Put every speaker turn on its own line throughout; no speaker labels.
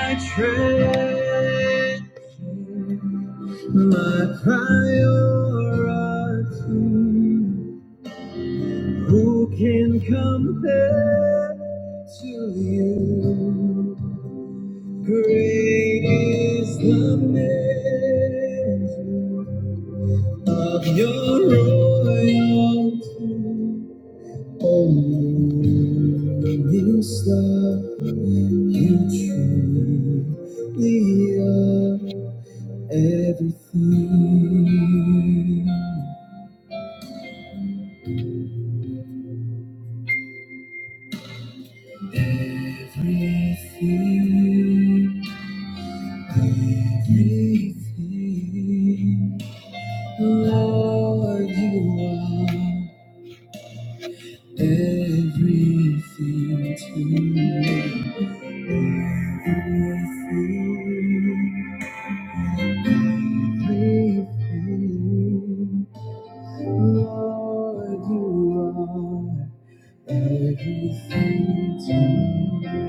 I trade my priority. Who can compare to you? Great is the measure of your royalty. Oh, morning star, you truly are. Everything, everything, everything, Lord, you are everything to me. Everything, everything, Lord, you are everything to me.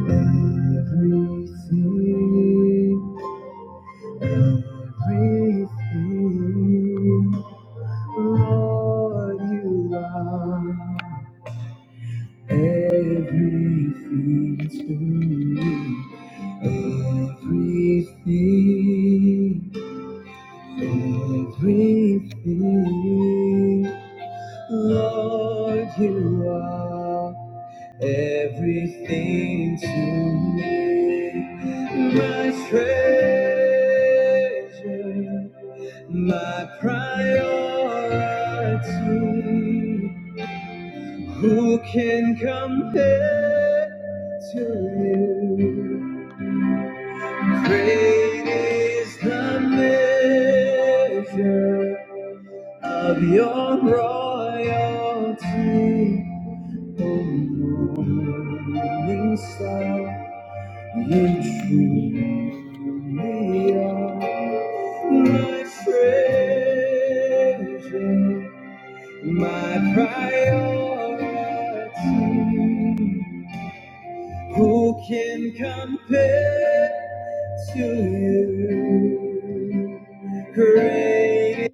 Everything, everything, Lord, you are everything to me. Everything, everything, Lord, you are. everything to me. My treasure, my priority. Who can compare to you? Great is the measure of your royalty, O morning star. My priority, who can compare to you? Great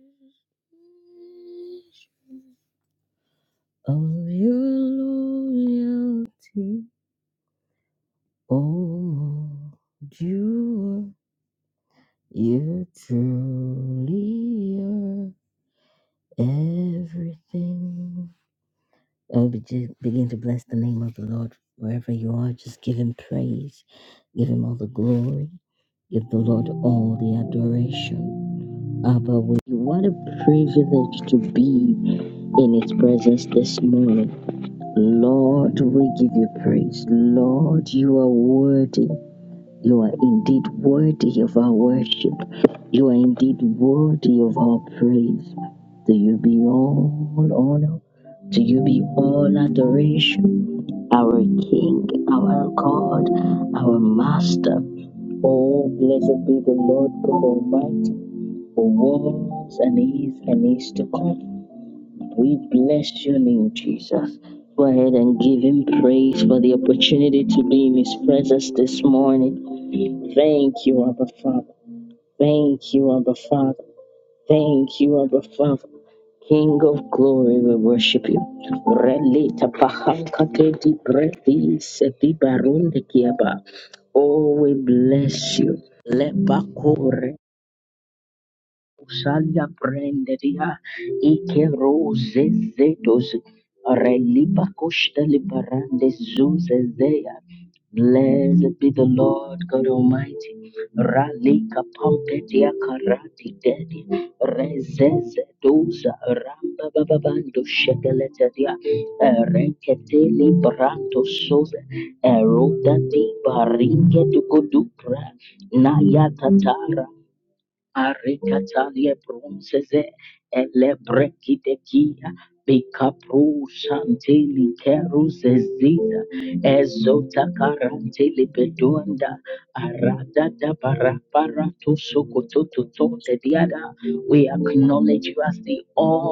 Thank you.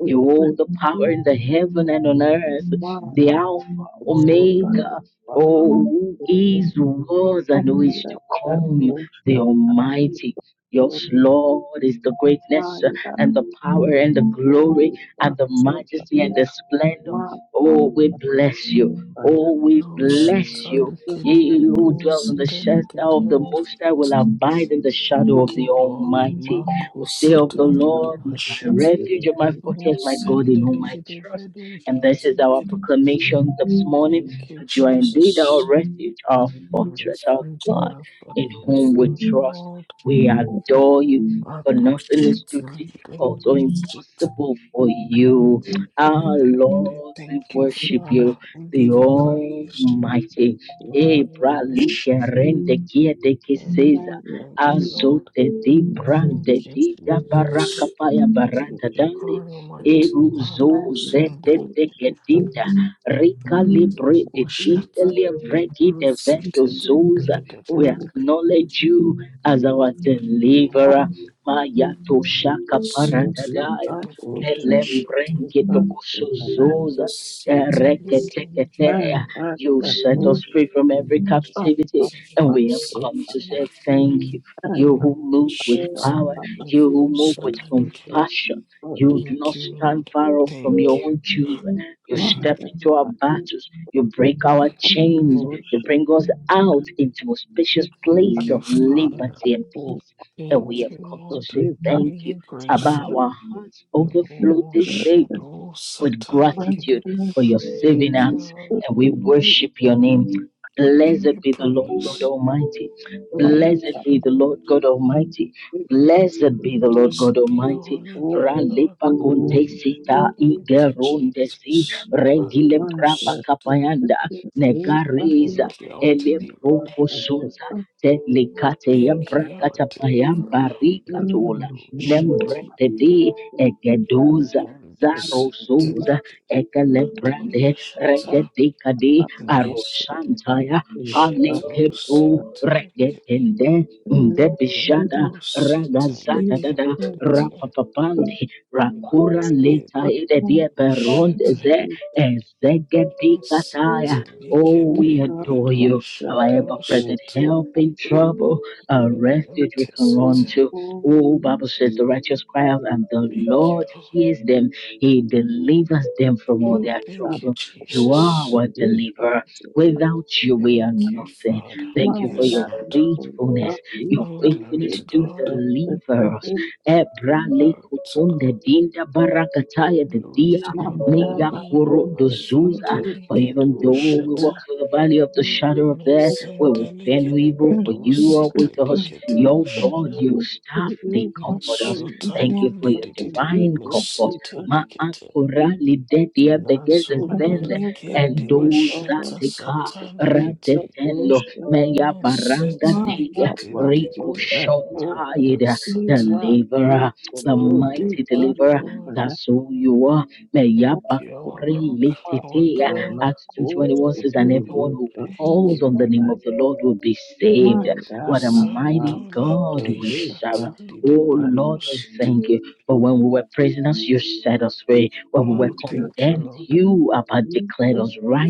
Which went into so by the Father, with the homeless that worship at the of mine that all will be so by the Lord, that so by the
Oh, Thank
goodness of God,
you, Lord.
so
Marco
to be
Satali
that
de
under
Vasheta.
the old
Oh, send the liquid Thank you, Jesus. Region of Lord.
heaven,
Marco Shetali and
the
Thank you, Father. We give you praise.
people
We
of the people,
worship
it's
you. Thank you.
Mary
Thank
that
you, Lord.
is
Thank you, Jesus.
a
Thank
wish,
you, God
it's
Almighty.
Mary
Malos
that
and
also to be the first
Ushkatan,
and
the Guru seated in the
all.
Thank you. One sit.
Father, we
Kedafudush.
Thank
Sit. Listen. Thank you, Lord. Thank you. Thank you. thank you, Father. Thank you, Lord. We are grateful. Oh, shadow, satanic. evil. Thank you, Lord. We give you praise. Thank you, Lord. Blessed be your holy name, Lord. Thank you, Jesus. Mados. Thank you, our deliverer. Thank you, our deliverer. Mados. Thank you,
you. Thank
Lord. Oh, thank you, Jesus. Thank you, Father. Yes, Lord. Oh, glory to God. Glory to God. Glory to your holy name. Azundalikedu shata.
you. Maya,
Mezendelikedebredu sitelikedu shata. Masotalindidididi. Mesetelikete. Nazundolikende bashata satalikete. Mesetelikete ndididi. Makasata. Oh, thank you, God. Thank you, our rock, our God. Oh, thank you. Marco
Maka,
Santo
Totoli,
Ladisha Tali de Bedusit.
Thank
Oh, thank you,
you.
Lord.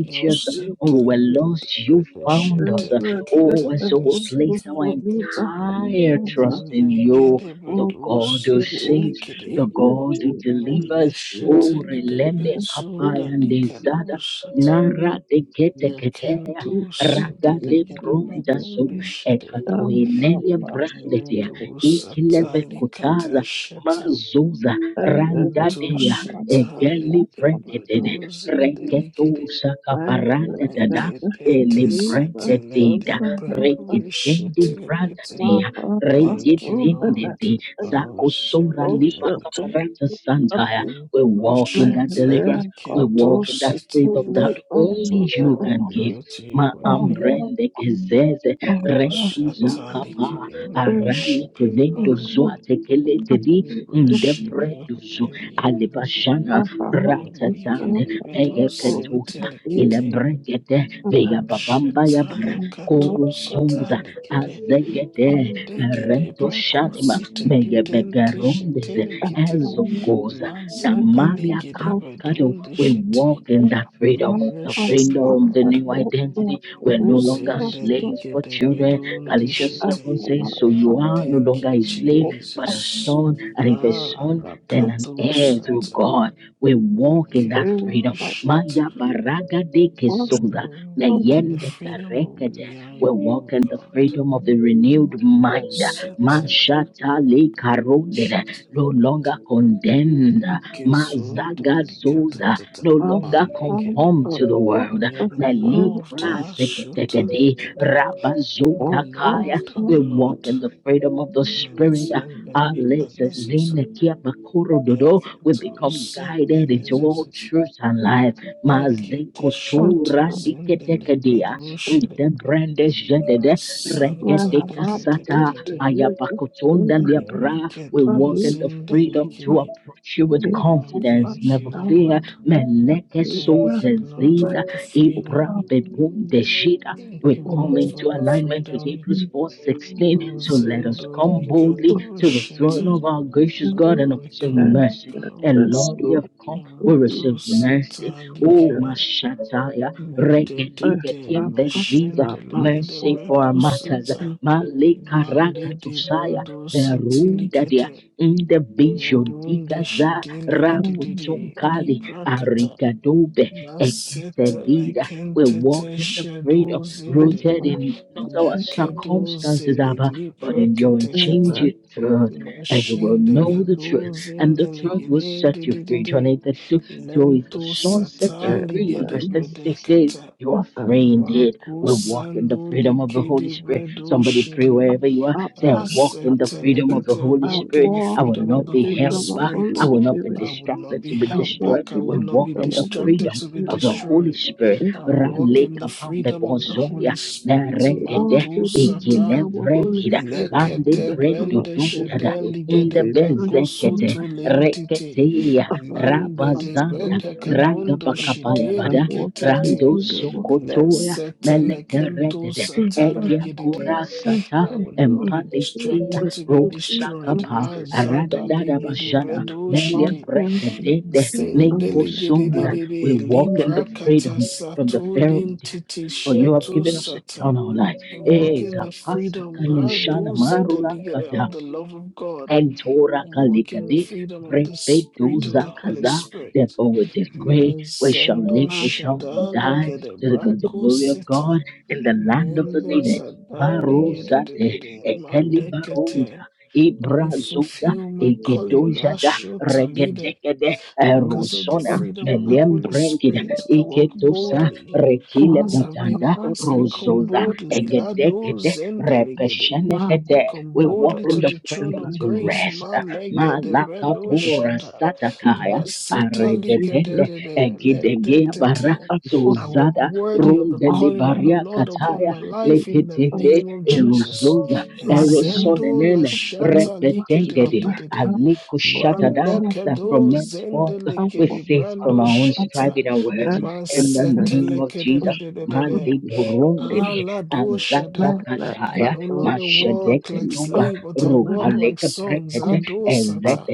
Yo sintelicate predeshetelicatempe satalicate. Malegede bedus intelicide. Meleshetele de bezunda licadusata. Lecentus intelicade bedundishide. Maledu satali kata sheta lintu shetali debredu zindelegede mekedete setele debredu shetelekete. Thank you, Lord. Oh,
Oshata
shendelegede lintu shetali
Atukana
kentu
Kaposi Kili
sitelede.
Basodana
Oh, glory to your holy name.
Ahava
Oh,
Ahava
shetali kede, we worship you, We worship you, Holy
Ahava
Name. We give you praise and thanksgiving. Oh, Shetana Kato Satani Gede, Endegede Preko Sita Lidente Shetele Kiti, Mazada Ligede Bedunde Shiti. We worship you, Lord. Oh, Zenda Ligede Bedunde Shiti. Thank you, Jesus. Ah, Rakato Satan. I can't do shit. I will walk in the freedom of we are in you, God. Set and shit. He gets wounded, lika ta ta ta. Malekere. We are the beloved, ah, shoot, ah, lika the beloved of the Lord. And send them, lika da zaza. Leke to send them, zaza zaza. Eki te shoot, ah, zende, lika do Masanta likididididi. Merikedozindelikidi. Oh, thank you, Lord. Thank you, Lord, for the freedom. Thank you, Lord,
Thank
for the freedom. Oh, Zendolikatosheta. Oh, we come, we come. Oh, Dosata likidi. Mededede. Mashendelikidebrekosata. Mande de brodo satilikete Medonde shedele gedede li prakata masete lekentete shedozinde lekedozede li preketekete mashende
you.
gadozinde legedededede lento
and,
satali
and,
gedebredekata mako sando likede bredo shede
up, up, us,
as
up,
it uh, like
up.
it uh,
I
walk in the
walk
freedom
in
of
the
the Holy
freedom of
Spirit.
Holy Spirit.
I will not be
I
held
walk
back. I
in
will
the
not be
freedom of Holy
distracted to be
Spirit.
destroyed.
In
I
the
walk
name
in the freedom of the Holy Spirit.
of walk
Matu
in the
sata
freedom of Holy Spirit.
lekete
The Lord
bende
will
shede ligede
save us
breko
from
soto lentite
I walk
mande
on
de
stone.
brete
I have
kedondo
something.
shede
I walk
lekete
in
te lesete
the
lekento sata
freedom
ligede I
of
will not be distracted to be
Holy
destroyed.
Spirit.
Mazada legede bredo
long
shede.
term of the
Sende legede
apartment
de
or shop
de de. Lipra kata sato lentiti sheto sata. I walk in the freedom. I do see the legede of the love of God. I walk in the freedom of the Spirit of the Holy Spirit. Mezendo shada ligede brako sita. Mendeza Dali Malekete. I fulfill my calling as Shota leader
or
because of the
or
freedom of the Holy Spirit. I walk boldly as I've been
for
asked, I come
the
boldly, Lado Zendelegede.
small
I come boldly to
doors
the
and
throne of grace, Malegede Bredo Shada, Masita
people to the
Likedede, Letetete.
upper
I walk
of
worthy of the calling of the
the
Lord upon
course
my
of
life in
the
the
us
name of Jesus.
Ryan
Zendo
you
Lashata
was a man
Likedede,
for the us
Malekedo
out of
Zendelegede Brando Shata.
Understanding that that
Masetelekede.
was to the
Aladoshada.
Thank
I no longer walk like slave, but I walk like sons. Adosata.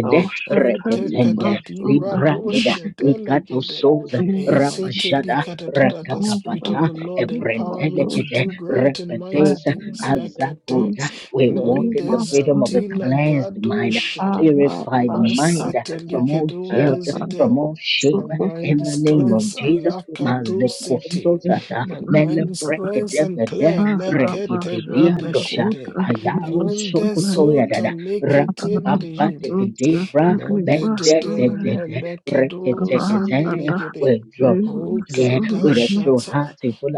Entekada dibradoshadalegede. Esetelikadadada. The Spirit of the Lord empower me to do great and mighty things like a day. Mendezatila gadoshada. Masetelikedoundezede. My mind is cleansed. Alakatosete. But mine is cleanse and clear, lekete brede shede. And the sota lekete ndejide.
Thank
Modedede melekedos in the legede. O gadashata,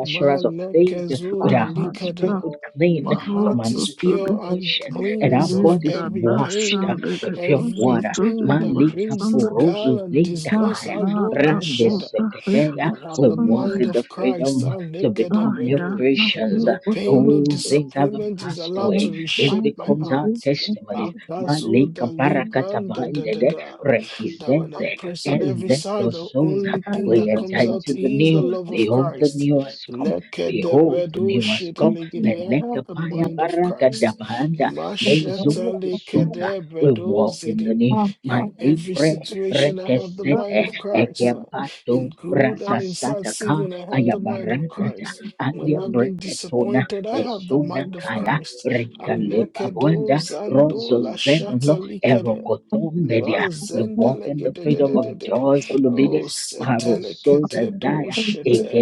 malekezoda likada. My heart is pure and cleans of every pain, everything that brings gall and disgust. Alo da shada. I have the mind of Christ. Ah, lekedebedo. No pain, no disappointment is allowed to reshape my heart. Akazo da libran da da da da. That when I'm pressed on every side, the only thing that comes out is the love of Christ. Lekedebedo shedelegede. I have the mind of Christ. Masheta lekedebedo zede. In every situation, I have the mind of Christ. Ah, in good and in sad season, I have the mind of Christ. When I've been disappointed, I have the mind of Christ. Alekedo zando la shata likede.
you. Thank
Mazendelegedededede. Oh, setelekete do shete.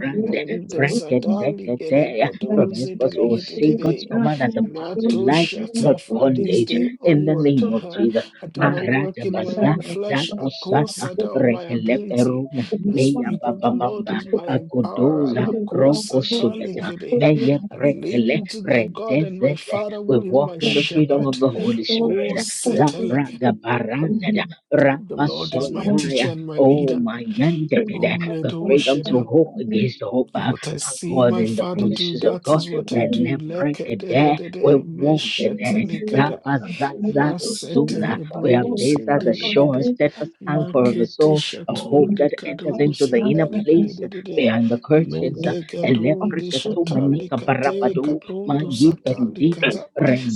Mendezadali get a bredoze delegated today. Mato shata from this day onward. I do not work in my own flesh, I go sada of my ability. The Spirit of the Lord is my empowerer. La ko sata lekede. I lean into my God and my Father who is my shepherd. Oh, setelekede. The Lord is my teacher and my leader. Oh, What I see my father do, that is what I
you.
do. Leke de de de de, meshete
Thank
likada, masete lebros in delegede, makete shato likados in delegede de de de, mendegadon de shata likate, katondo sata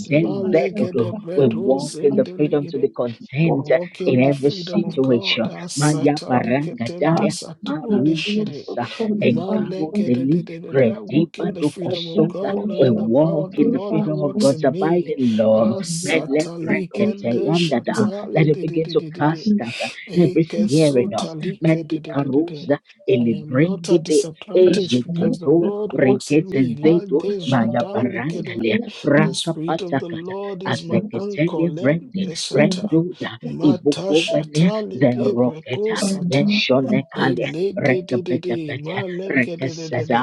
Malegede bredos in the legede. I walk in the freedom of God. Asata liketentes at olishire. Malegede de I walk in the freedom of God, knowing the power of the Lord that works in me. Asata likende shatali I am not at disadvantage because the Lord works in me. La deja the Spirit of the Lord is
you.
my anchor. Lem
Thank you.
desata. Mata shata libe breko sata. Ele de de de de. Ma lege de de de de.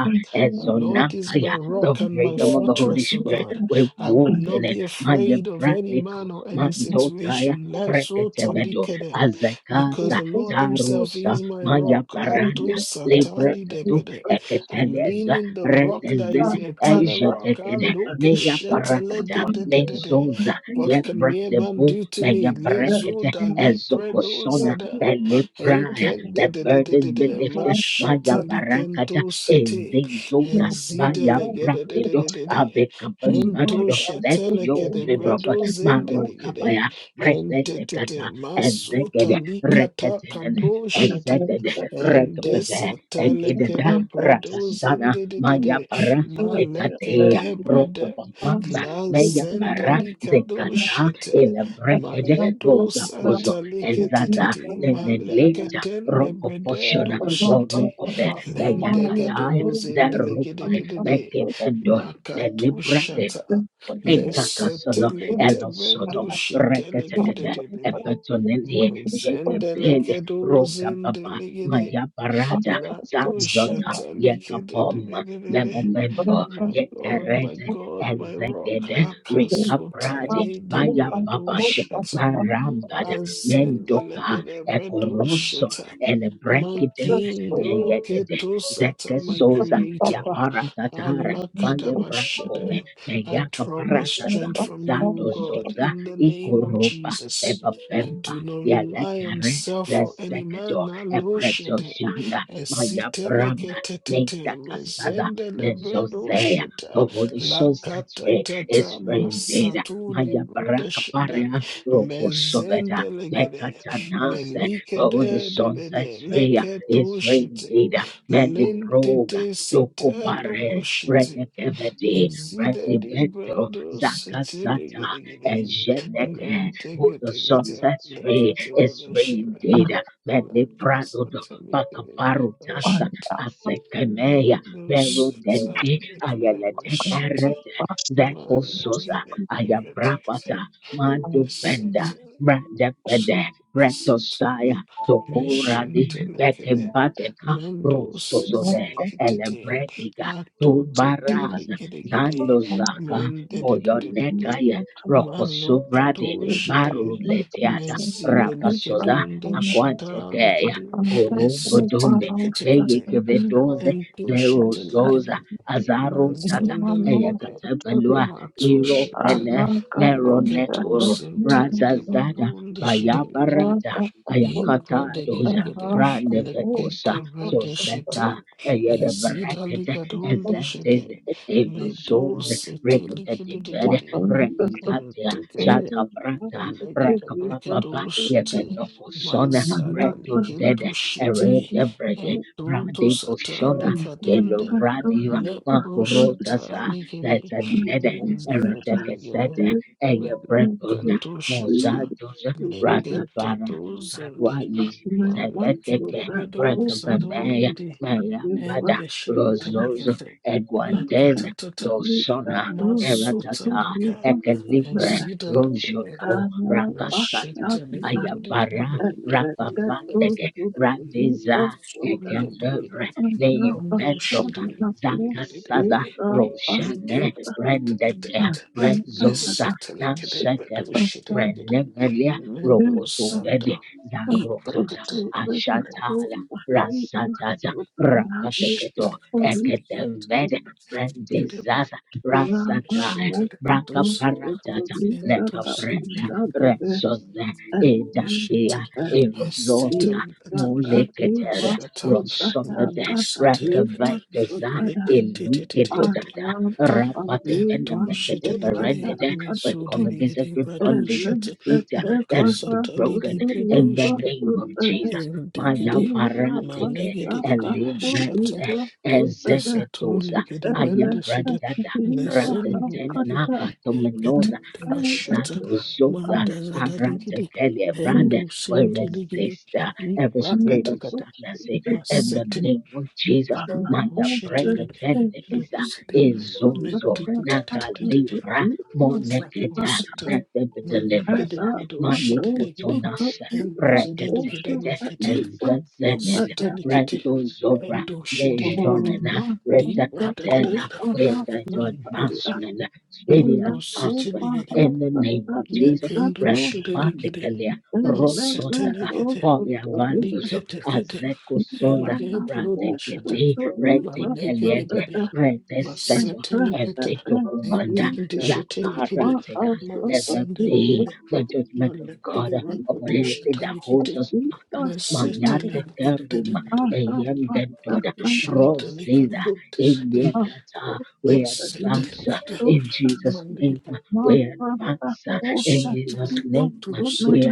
The Lord is my rock and my fortress, O God. I will not be afraid of any man or any situation. Let's Because the Lord Himself is my rock. Ato satali debede. I lean in the rock that is the eternal rock. I look at shetele de de de de de. What can mere man do to me? Lezo da li predo zada. Eken de de de de de de Rashetaliken do city and zidelegede de de de de de and to shetelekede bredo zindelegede and te te te masuta likata kado shete
Thank
and desatelekede bredo zinde de de de malekede brede la zendelika do shete Maledo Santa Licatiti, Maleketen de Brededo Shitty, Lendegados in the Ligatidididi, Makatu Shata, Lesetelete Brendo Shitelegatidididi, Mazendelegados in the Ligidi, Lato Shata Licatidididi. My Lord, my God, my rock, Akasota, Lady Brado Shata.
you.
Azendelegedebredosheta. My King, O Ketosata, my Creator. Alakadabashada. I draw my strength from you, O God, in the name of Jesus. I do not rely on self or any man. Aloshete. Esiteleketete. Mezendelebedosheta. Lakatatata. Masatu libudashada. Mezendelegede. Melikede. Leketushete. Lentete setelo koshiti. Ezida librando setele gede gede. Lente gete gete. Lekete ola shira. Laka satele gede gede shit. Endo setele gede gede shit. Mala gede gede gete. gete. Setele shit. Meshentelekele, Mendos Semikitite, Ato te telegele, Mendedededede,
Thank
Malo Kadoshede, Mezidelikedondo Shadalikedu, Esiteliketikete, Entoshetelikedu, Mazendelegede, Matoshete, Leketo Sentelide Badon de shedelegede, Incredible, Lekete shite, Izida
you.
ligadunde shite,
Thank
Medu sete likididididi, and tekete, Legete brekedu shite, Mazada likindu shite, Etuntu sata likadende, Lepro shata likidi, Mezete Melukando shata. Lekete dozende. Malekete bedo sadolidi. Ende shentelekete. Lakatatata. Masuta lika. Ezida likete. Meshete lekedo likede.
and let that those who believe us of the Andra
Ando shiri.
Pashanako
lekete lekete
is
lekete,
the
Eat.
Pastor and the Pastor
Let's eat like a day. But do
also let the court of me of not land the police of the land of all from of the leader that Pashanako and Thank you.
Shut up. Endoshidigidi, mesodigidi, badoshit, makasatalidi, badoshi, indigidi, malegidigidi, shata, intisatolikidi, bendisidi, nesendulikidi, eketidi, bashata, mandazadaligidi, endosindiligidi, rakatakata, masete,
Alan also
endoshitigidi,
said that he
endosidi,
was the hacker
metikitititititi.
who was but
Raposita,
an
Marikede,
error
Vido,
but
Shatelegede,
also that he
and
that
Zedegede,
also that
Rekete,
he was for
Nostalikete, Endo,
the
Shedelegede,
Roma and
Libra,
the
da da da da da,
Copa Hasta
Mingede,
in the Copa
Rapositeligede,
Hasta that he that
Yakendo,
also
Shedelegede,
and never
Masetelegede,
also the big
Likete,
man
Elgebro,
also
Dashata,
that he was so
Valegede,
that Masha
Masetelikete, etekedeshetelekede, masendelekede, malekede rakotoshetelekede, mesetelekede, eshentelekakotesede, masetelekede, malekede, sheteleketosede,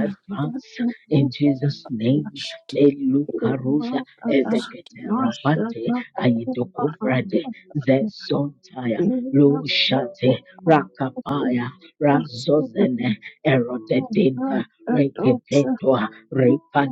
Thank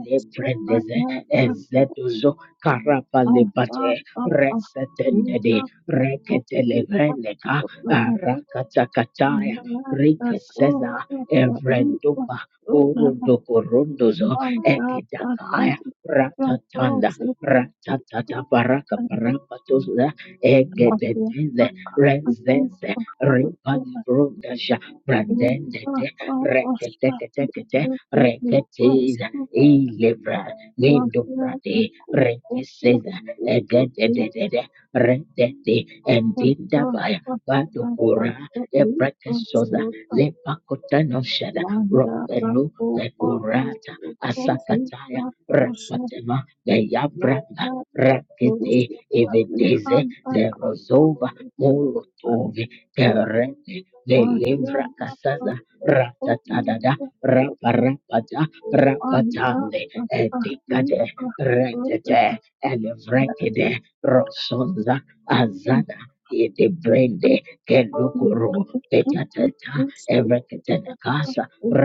you. Thank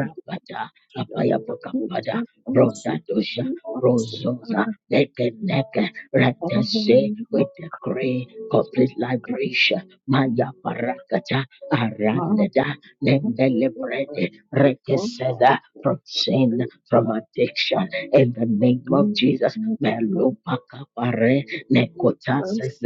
you. Thank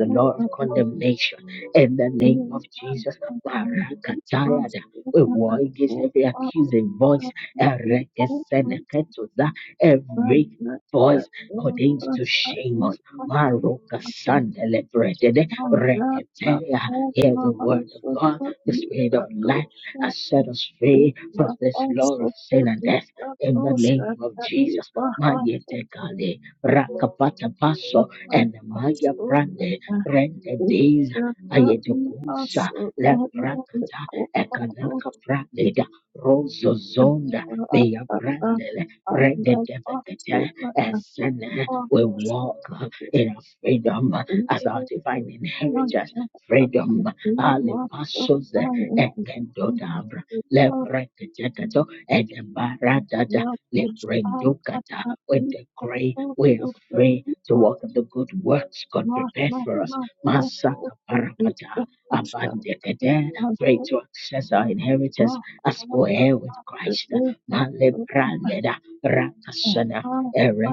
you. Thank you. Thank you. Thank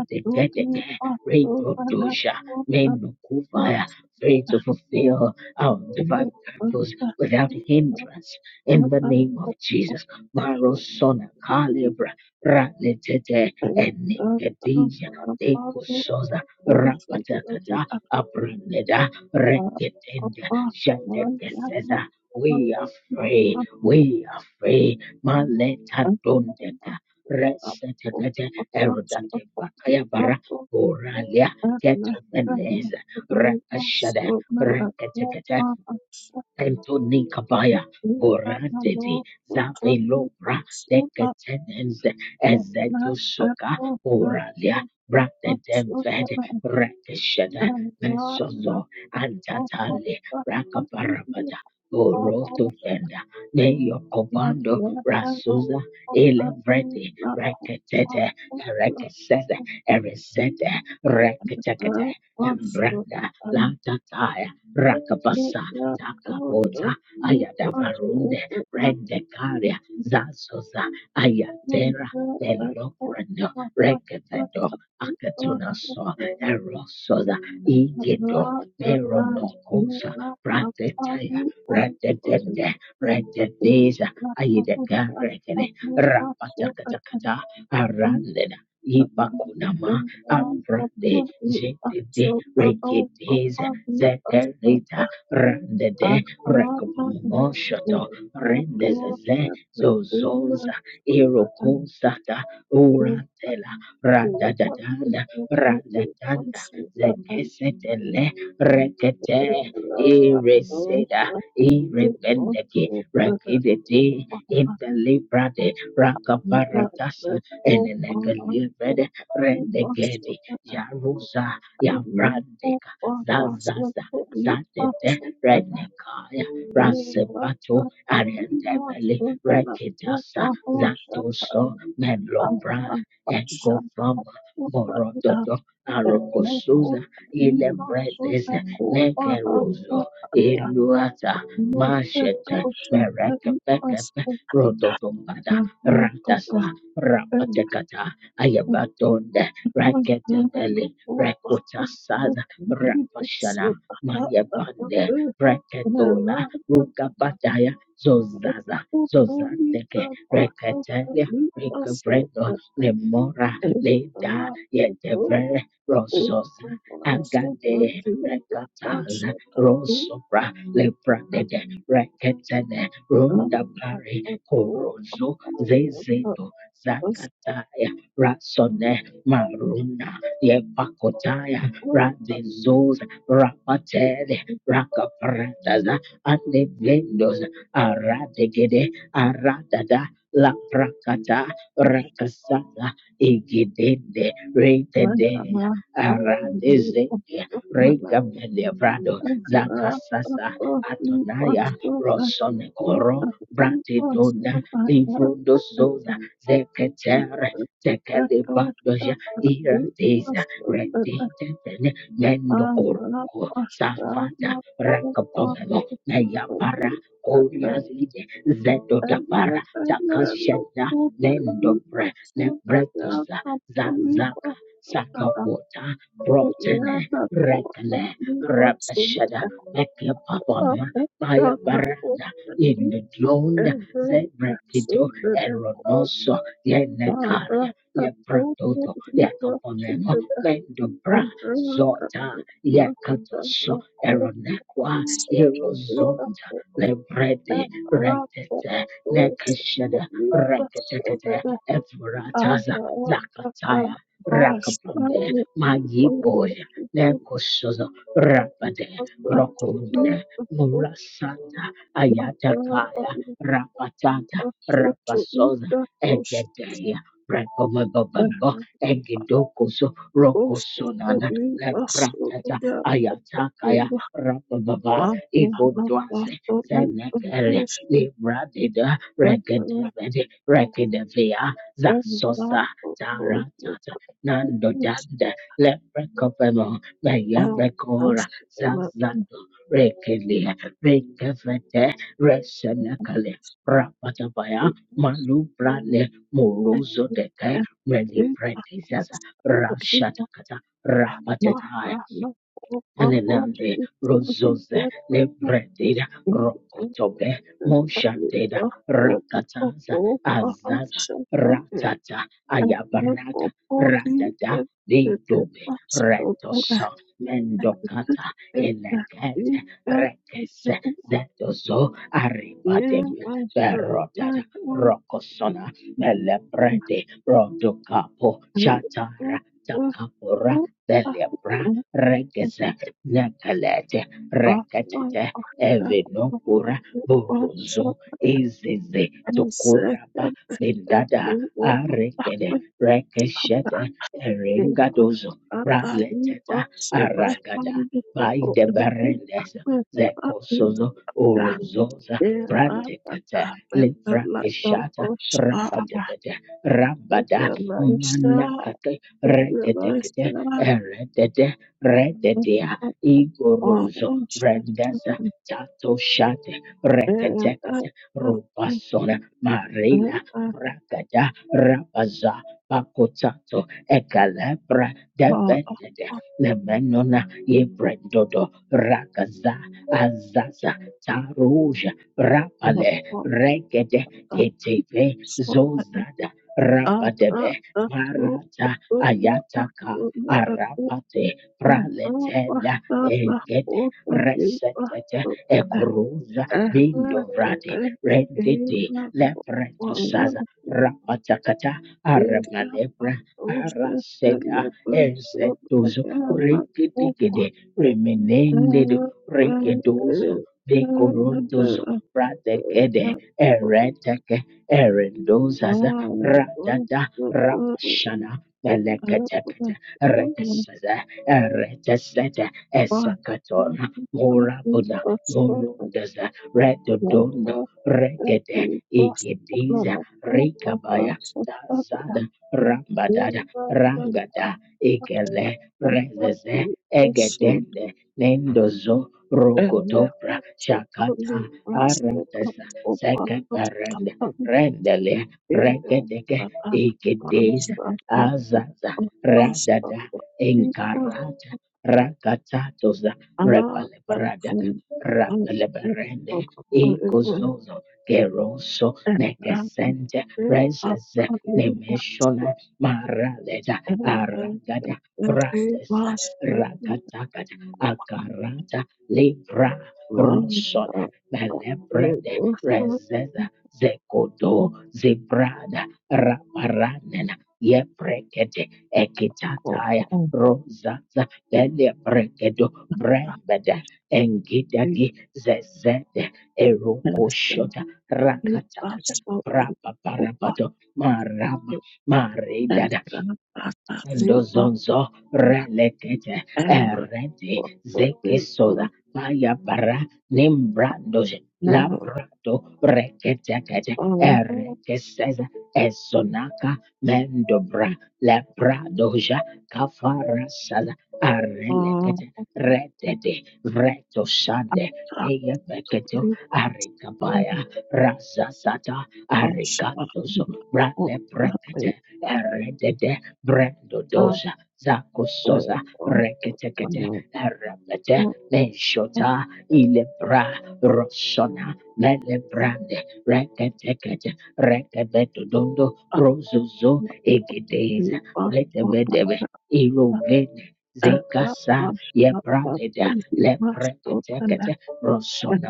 you. Lift up my Lord, who took me from super and not at all. Took me from super and not at all. But I need you for all my life, my life. But I need not my hope, and I was and let your go. Took me from super and not at all. But I need not all my hope, Thank you. Thank you. Matadosha tani paspaka papa mahalupo pakupo kulipo sopa papa mahapa takupo tulita paha tani pasopa mahapo ekuma sopa tulita kasha tani papa mahapa kupa mahapa pasopa Thank you. Yana kota libatsudana abatana otani ere asudana kotara takota libatsudana ere abatana kota sota libakota rapa dosa libatsudana arata basta libatsudana Mahra, Mahra, Mahra, Mahra, Talipa Talipa Bahasa Taliban and Taliban and the Taliban and the Taliban and the Everyone Father, we also my hand to support them to back with her into the air. I'm a bit like the bush. I'm a bit Thank you. Thank you. And I definitely was once a worker for the instantly bustle and robotic as the battery was and hammer for the was over for a subject and a shot for the other one. I was and Ramashak Masodan and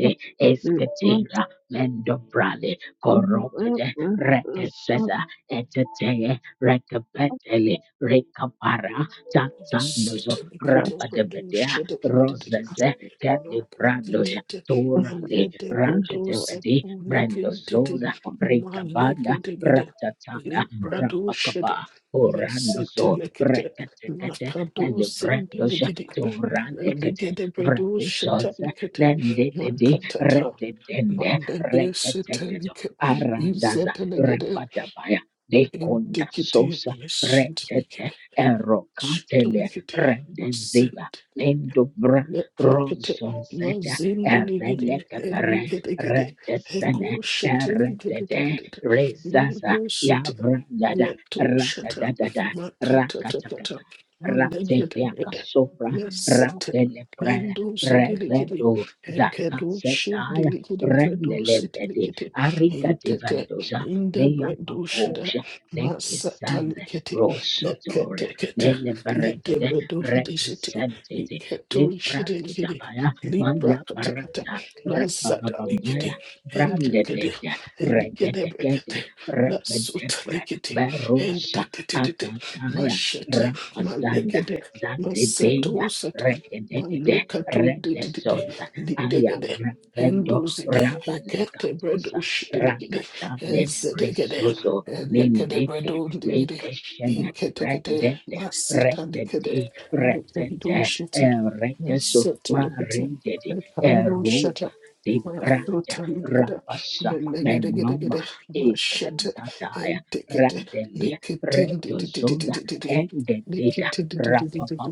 Thank of in the river of
Indicative, yes, to make it,
Texas
to
and
make it, was sent Neprakete mazindiligidi eligidigidi heko shitiligidi mango shiti leto shita makatatata malegedebede mesete lendo zidiligidi ekedo shivdiligidi bredo sitiligidi intete inde bredo shada masatalikete leketekete ledebredo disiti Iketori shirengiri, libra katakata, lazada likiti, entekete, eligede bekete, lasuta likiti, entetetete, mashete, malegede, masato sata, malukato dididide, litegede. Enduzide, ekete bredo shiteligide, ezedegede, elekede bredo digide, inketekete, masita digide, lekendo shite, mesete lekete, lekando shata, masuta likada, melegedegedegede, mashete, etekete, lekete, likete,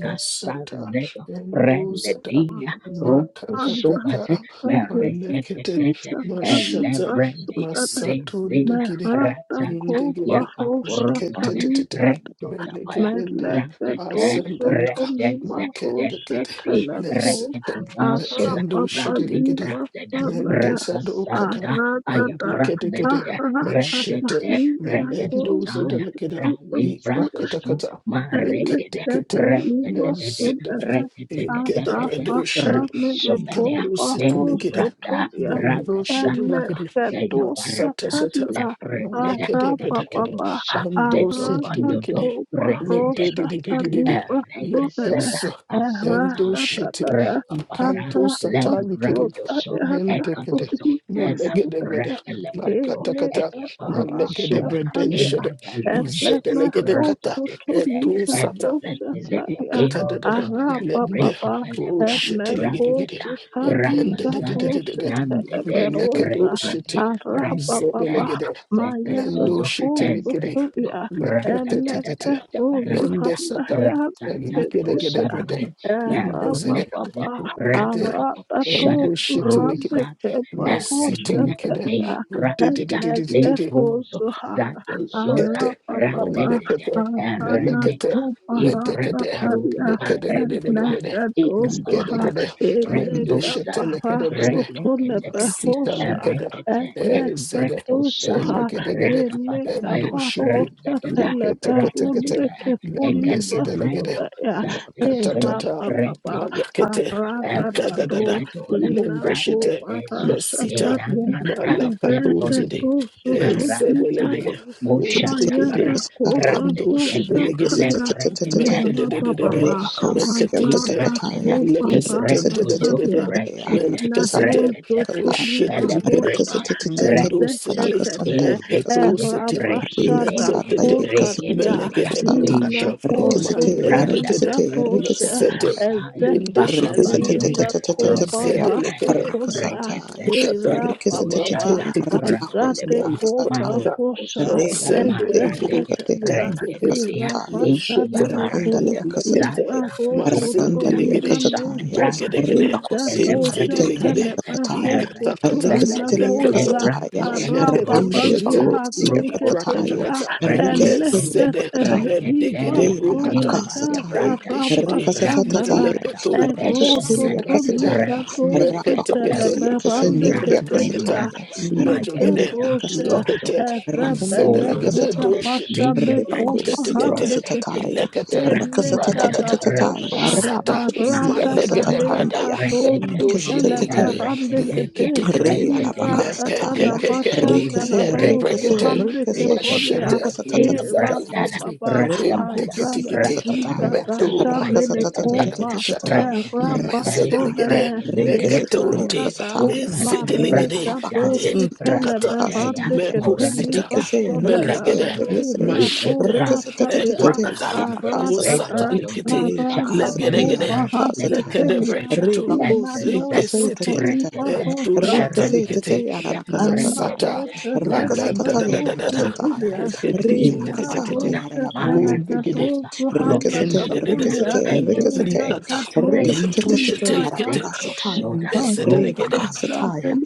Masata endozata makakakaka malekete mashata masatundegede indegede meketetetete
Arata
melegebende asendalika maketekete lesete mekendo shedelegede mendezadokata eniketekete meshete melendo zedelegede ipakatakata Nekete nezede
Elebelebasubele
egede brendo shiri ikato situ negede
arabashamelekobahosotolia
brendo shiri negede masata sata
elegedosafalia
nekede bredekede
arabababa
endo situ negede nedede dede dede
arabakobahosatalibasodede
lekesa endo shiti
eradadadada
ikanto sata negede mentekede menegede brede
arabasotayagasolimasodaya
makatakata
elegabaha
manegede breden shede
Arababa,
izede
Arata
legede
to
kata
Suhande
Etu sata.
Kepa
Makatadadada. Lende. Oh shit. Telegidegide. Ekendededededede. Melekedo shiti. Izedelegede. Lendo shiti likide. Leketetetete. Lende sata. Eligedegede brede. Indezede. Ukete. Ende shiti likide. Mesite
Rosha
likide.
Talia,
Dididididididi
Enegeto
kete
Arapapapa,
rendekete melekete medekete
Aranakoparasatalia, and
lekedededededede
Negadosuha,
ligedegede lendeshete lekedebede masita
Elegabarasutunebehosha,
likede
and
ezede
Negadosuha,
elegedegede endoshipi liketeketekete lendesedelegede
Elegabarosateleberundeketulibrasodaya,
Makatatata,
Erapapapa,
Malakete, Itadadada,
Aratapado,
Lembeshete, Mesita,
Inakoparasatalia,
Malakatuzidi,
Eredetusutulibra
Ezedelegede,
Rikisite,
Maya
Untikete, Endoshidelegede,
Mayanakobabushataya.
Mededededede,
Arabababa.
Meketetete,
Arabakobaba.
Melekeseten, Dededede,
Sadia,
Mendeke
Nano
sete, oshete
Zotoliba
likede,
Osha,
mendo sete,
Ezetete,
eketo sete,
Rabashada
metetete,
Kotalia,
melegede brokata,
Ina Hoso
malendetete,
Tolikatosha,
lesete, linde
Ezetete
shite likede,
Lina
Rikeseteteteteteteteteya,
izete
Kobara
lekede,
Sotolia,
atu
rakasataya,
shata,
Era Baba,
rikeseteteteteya,
matetete,
Azate
rabakosya
Koba
kasataya,
malaprakata,
Fosha,
reya
Masendo
lakaseya
likiri
Ezetete
lakaseteya
Lia,
endekede
Era
rakasataya,
Basha
meshete
Nemeko,
rakandalea
melekete
kasataya,
Iba Rosso
masende
rakandalea
ligede
Tolina
kasataya,
Noso
jegedegede
ribakosya
inzidi ligede
kasateya kasataya,
ikatakata
rikesetelea
lekete
Ikatoshatelebafosopolimadoza
kasataya,
maleketo
rakandalea
shete
bakosya kasataya,
arababalihateketelia
liprakatakata
rikesetelea
lezede
elekete
kasataya,
edigede
reya
brokata
labakasataya,
mendeshidi
ivasodayagarabashanana
rakasatatataya,
leleketo ezede
Rekestelia
legede
Casataya,
meketekete
Rabacosia
alikede
Casendelia
breketa
erototolitadozuteleberandeketelia
Casataya,
mejogede
Randelia
igadoshe
Casataya,
lekete
Racandelia
izedelegede
Casataya.
doshiti
Rebacosia
intetetete
erebetekurabashanekobarandekete
Casatataya,
ilekete bradagada
elekadabosha
Racasatatataya,
masata
Rabacosia
malegede brada endojidelegede
Casatatandaya,
Aratatalegatosutelebarandekete
leketekete
Re alabaka sataya,
lekekekeke
re kese, re
letebrekete
kese, re kese,
iratatalamashandaradosuhandekeponia
mashete
rakasatatataya,
izadalegede
erababa
re bako siya
inteketekete
kasatataya,
meto lagada
hazakatigatashanenekoba
bashata
rakasatatatataya, rakasataya,
mezedelegede
erabasonene
re kese teleya
eketonte
eratata
kasataya, re
izedelegede
alabaka sataya,
Entikata,
alabaka sataya, re
Mekusita,
kese, re
marlegatosutelebarandeketelimasonena
kese,
Melegede,
re kese, re
Mashete,
kese
elaposhatalia
tatatatataya,
Eprakata,
alabaka
Aradata,
sataya,
Usatalikiti,
re baka
Narada
sataya,
Legedegede,
Kopa
alabaka sataya,
Hasetelia,
re
Lekedebrechutu,
bako siya
Imano
Lekesiti,
kasatataya,
Sotolipa
Edu
Hosha,
Shatalikiti,
Rikaseteteya rakasataya.
Mesata,
Anamosha
Laganda da da
Rakasataya
Telebeho
da da da,
rakasataya.
Sutulia,
Re
Ibrato
Lekedididididididi,
rakasataya rabakasataya.
Udigidi,
Shetelegato Suhanda
Rikasate,
Lekendedededede,
Kapulia,
rikasate, rikasate,
Likata,
Elakato,
Lentu
rikasateteteya
Ibaha
Shetelekete,
rabakasataya.
Ayamana
Re
Mesedelegede,
bakasataya.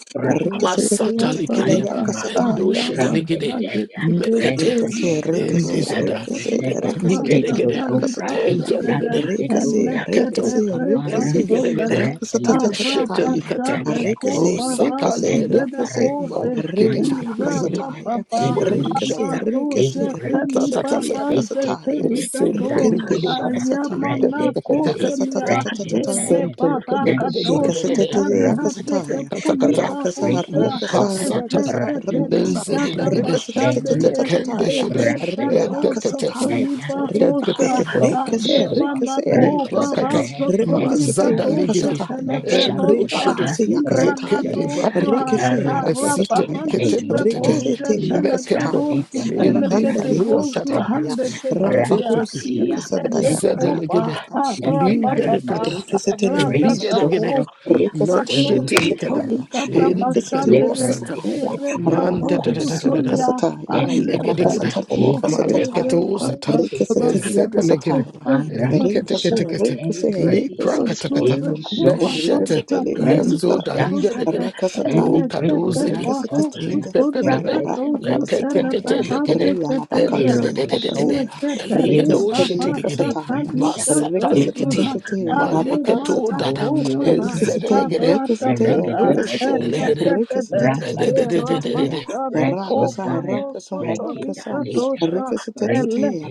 Masata
Rikasateteteya
likidi. Endo
lakasataya.
shidi likidi. Mekete.
Ricase, ricase,
indizada
ricase, ricase,
Migede
tete,
gede.
la casataya.
Enjada gede.
Ricase,
Mekete.
ricase, ricase,
Endigede gede.
ricase,
Meshete
tatataya.
likata. O
Ricase,
sata
ricase,
likada.
ricase,
Malikede
rea
gede
la
gede gede.
casataya.
Mundu
Ricase,
shata.
ricase,
Yakata
ricase,
tata
telia
tata.
casataya.
Simple likidi.
Ricendalia casataya.
Tekete kete.
kotelia
You are
ele
sent
barakadoshi
Sentelekedededededede.
Ikasatetele
talihate
yakasataya.
kepoli
Katakata.
Rakasa,
barosha
rakasa,
Lekasata.
rakasa,
ezekete
rakasa.
ligada
Lenzedelegede.
bashadede
Rikasatatatataya.
Lekendeshede.
ele gadoso
Etekete.
Rialakasataya.
toli barosha
Ribake, rikase,
Eketeketeketeketekete.
adebana
rikase,
ko
rikase.
Liprakata.
barazo toli
Ribakasate
Mazada
gadoshe
ligede.
tele
yalakasataya.
Endo
beronda
shedet.
Ribakase
ibana
yakasataya.
Ekede
nozo
bradekede.
Rikase
Esite
arababa
yarakasataya.
libe
liketentetete.
Rikase
boshe
tili
tele
Mekeko.
yakasataya.
berozo
Indi
delegede
Rakandali
bozo
kalushata.
yakasataya.
hande ketelia
Matekete.
Rabakusi yakasanda
ibene kopa
Lezedelegede.
yakasataya.
arababa
Ligedekata,
Rikesetelia
and
kasataya,
Ratatako,
ligedegede,
Ipato
rikesetelia
mashitelikada,
kasataya,
Sutolikata
rikesetelia
Pashandene,
endekadosata,
kasataya,
Ereka
rabakusia
mandadadadadadada,
Posutolia,
kasataya,
malegedegede,
rakasetelia
Alepeko,
kasatataya,
maleketosata,
Ereka,
rikesetelia
ezedelegede,
kasataya, rikese,
eliketekete,
rikese, rikese,
liprakatakata,
Pasode Kupa,
Enrique
leshete,
Setelia
Pashatali,
lenzo da
Casataya,
daligedegede,
Pasudete,
Racasataya,
o
Elekete
kadozidi
Enrique
Paro
Setelia,
Sutolikata Sutele
Rapacasataya,
Behate
Ria la
Ketelia,
Bacasia la Casia, Enrique
Leketele
Setelia
bahasha
Casataya,
talika
Enrique
dozuha
Setelia,
alemana
Rabacasataya,
kopara
Enrique Setelia, Enrique Setelia,
aratatata
Enrique Setelia, Enrique
leketele
Setelia,
and
erapasane
Racasa,
koparo
Racasa, Racasa,
sotolika dosha,
Enrique Setelia,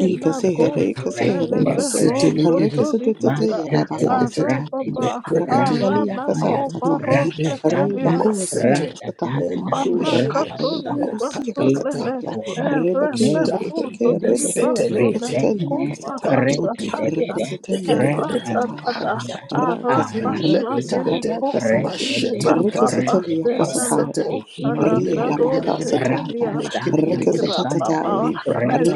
you can say hare,
Katakata.
can say hare, can say hare,
Masitelikidi.
can say te te te yara baka
Iketekete.
sata.
Araba
Deprekete.
Rakandali
Araba
yaka sata
Copa
taya.
Madoshide.
Rocha
Re
Telia
bako siya
Mesete.
sata ya.
Endoshide.
Manakato
Rakandali bako siya
Katakata.
sata
libasonene
ya. Rebeke,
Nindishita.
erepekoto
rebeke, rebeke,
Mesetelekete.
libasonene
rekasateli yaka sata ya.
Likatoti,
koparasatalia
Rekasateli
indegedegede,
yaka sata ya.
eratatada
akatu,
Rakasa,
leketekete,
arabashaneneko
rakasa,
mashete likata,
Rikasatalia
masete,
irapapasenanako
kasataya. Rialabaka
malegedegedegede,
sataya.
alakarosetelia
lekedegedegede,
irapapa
Rikasatataya.
librakata,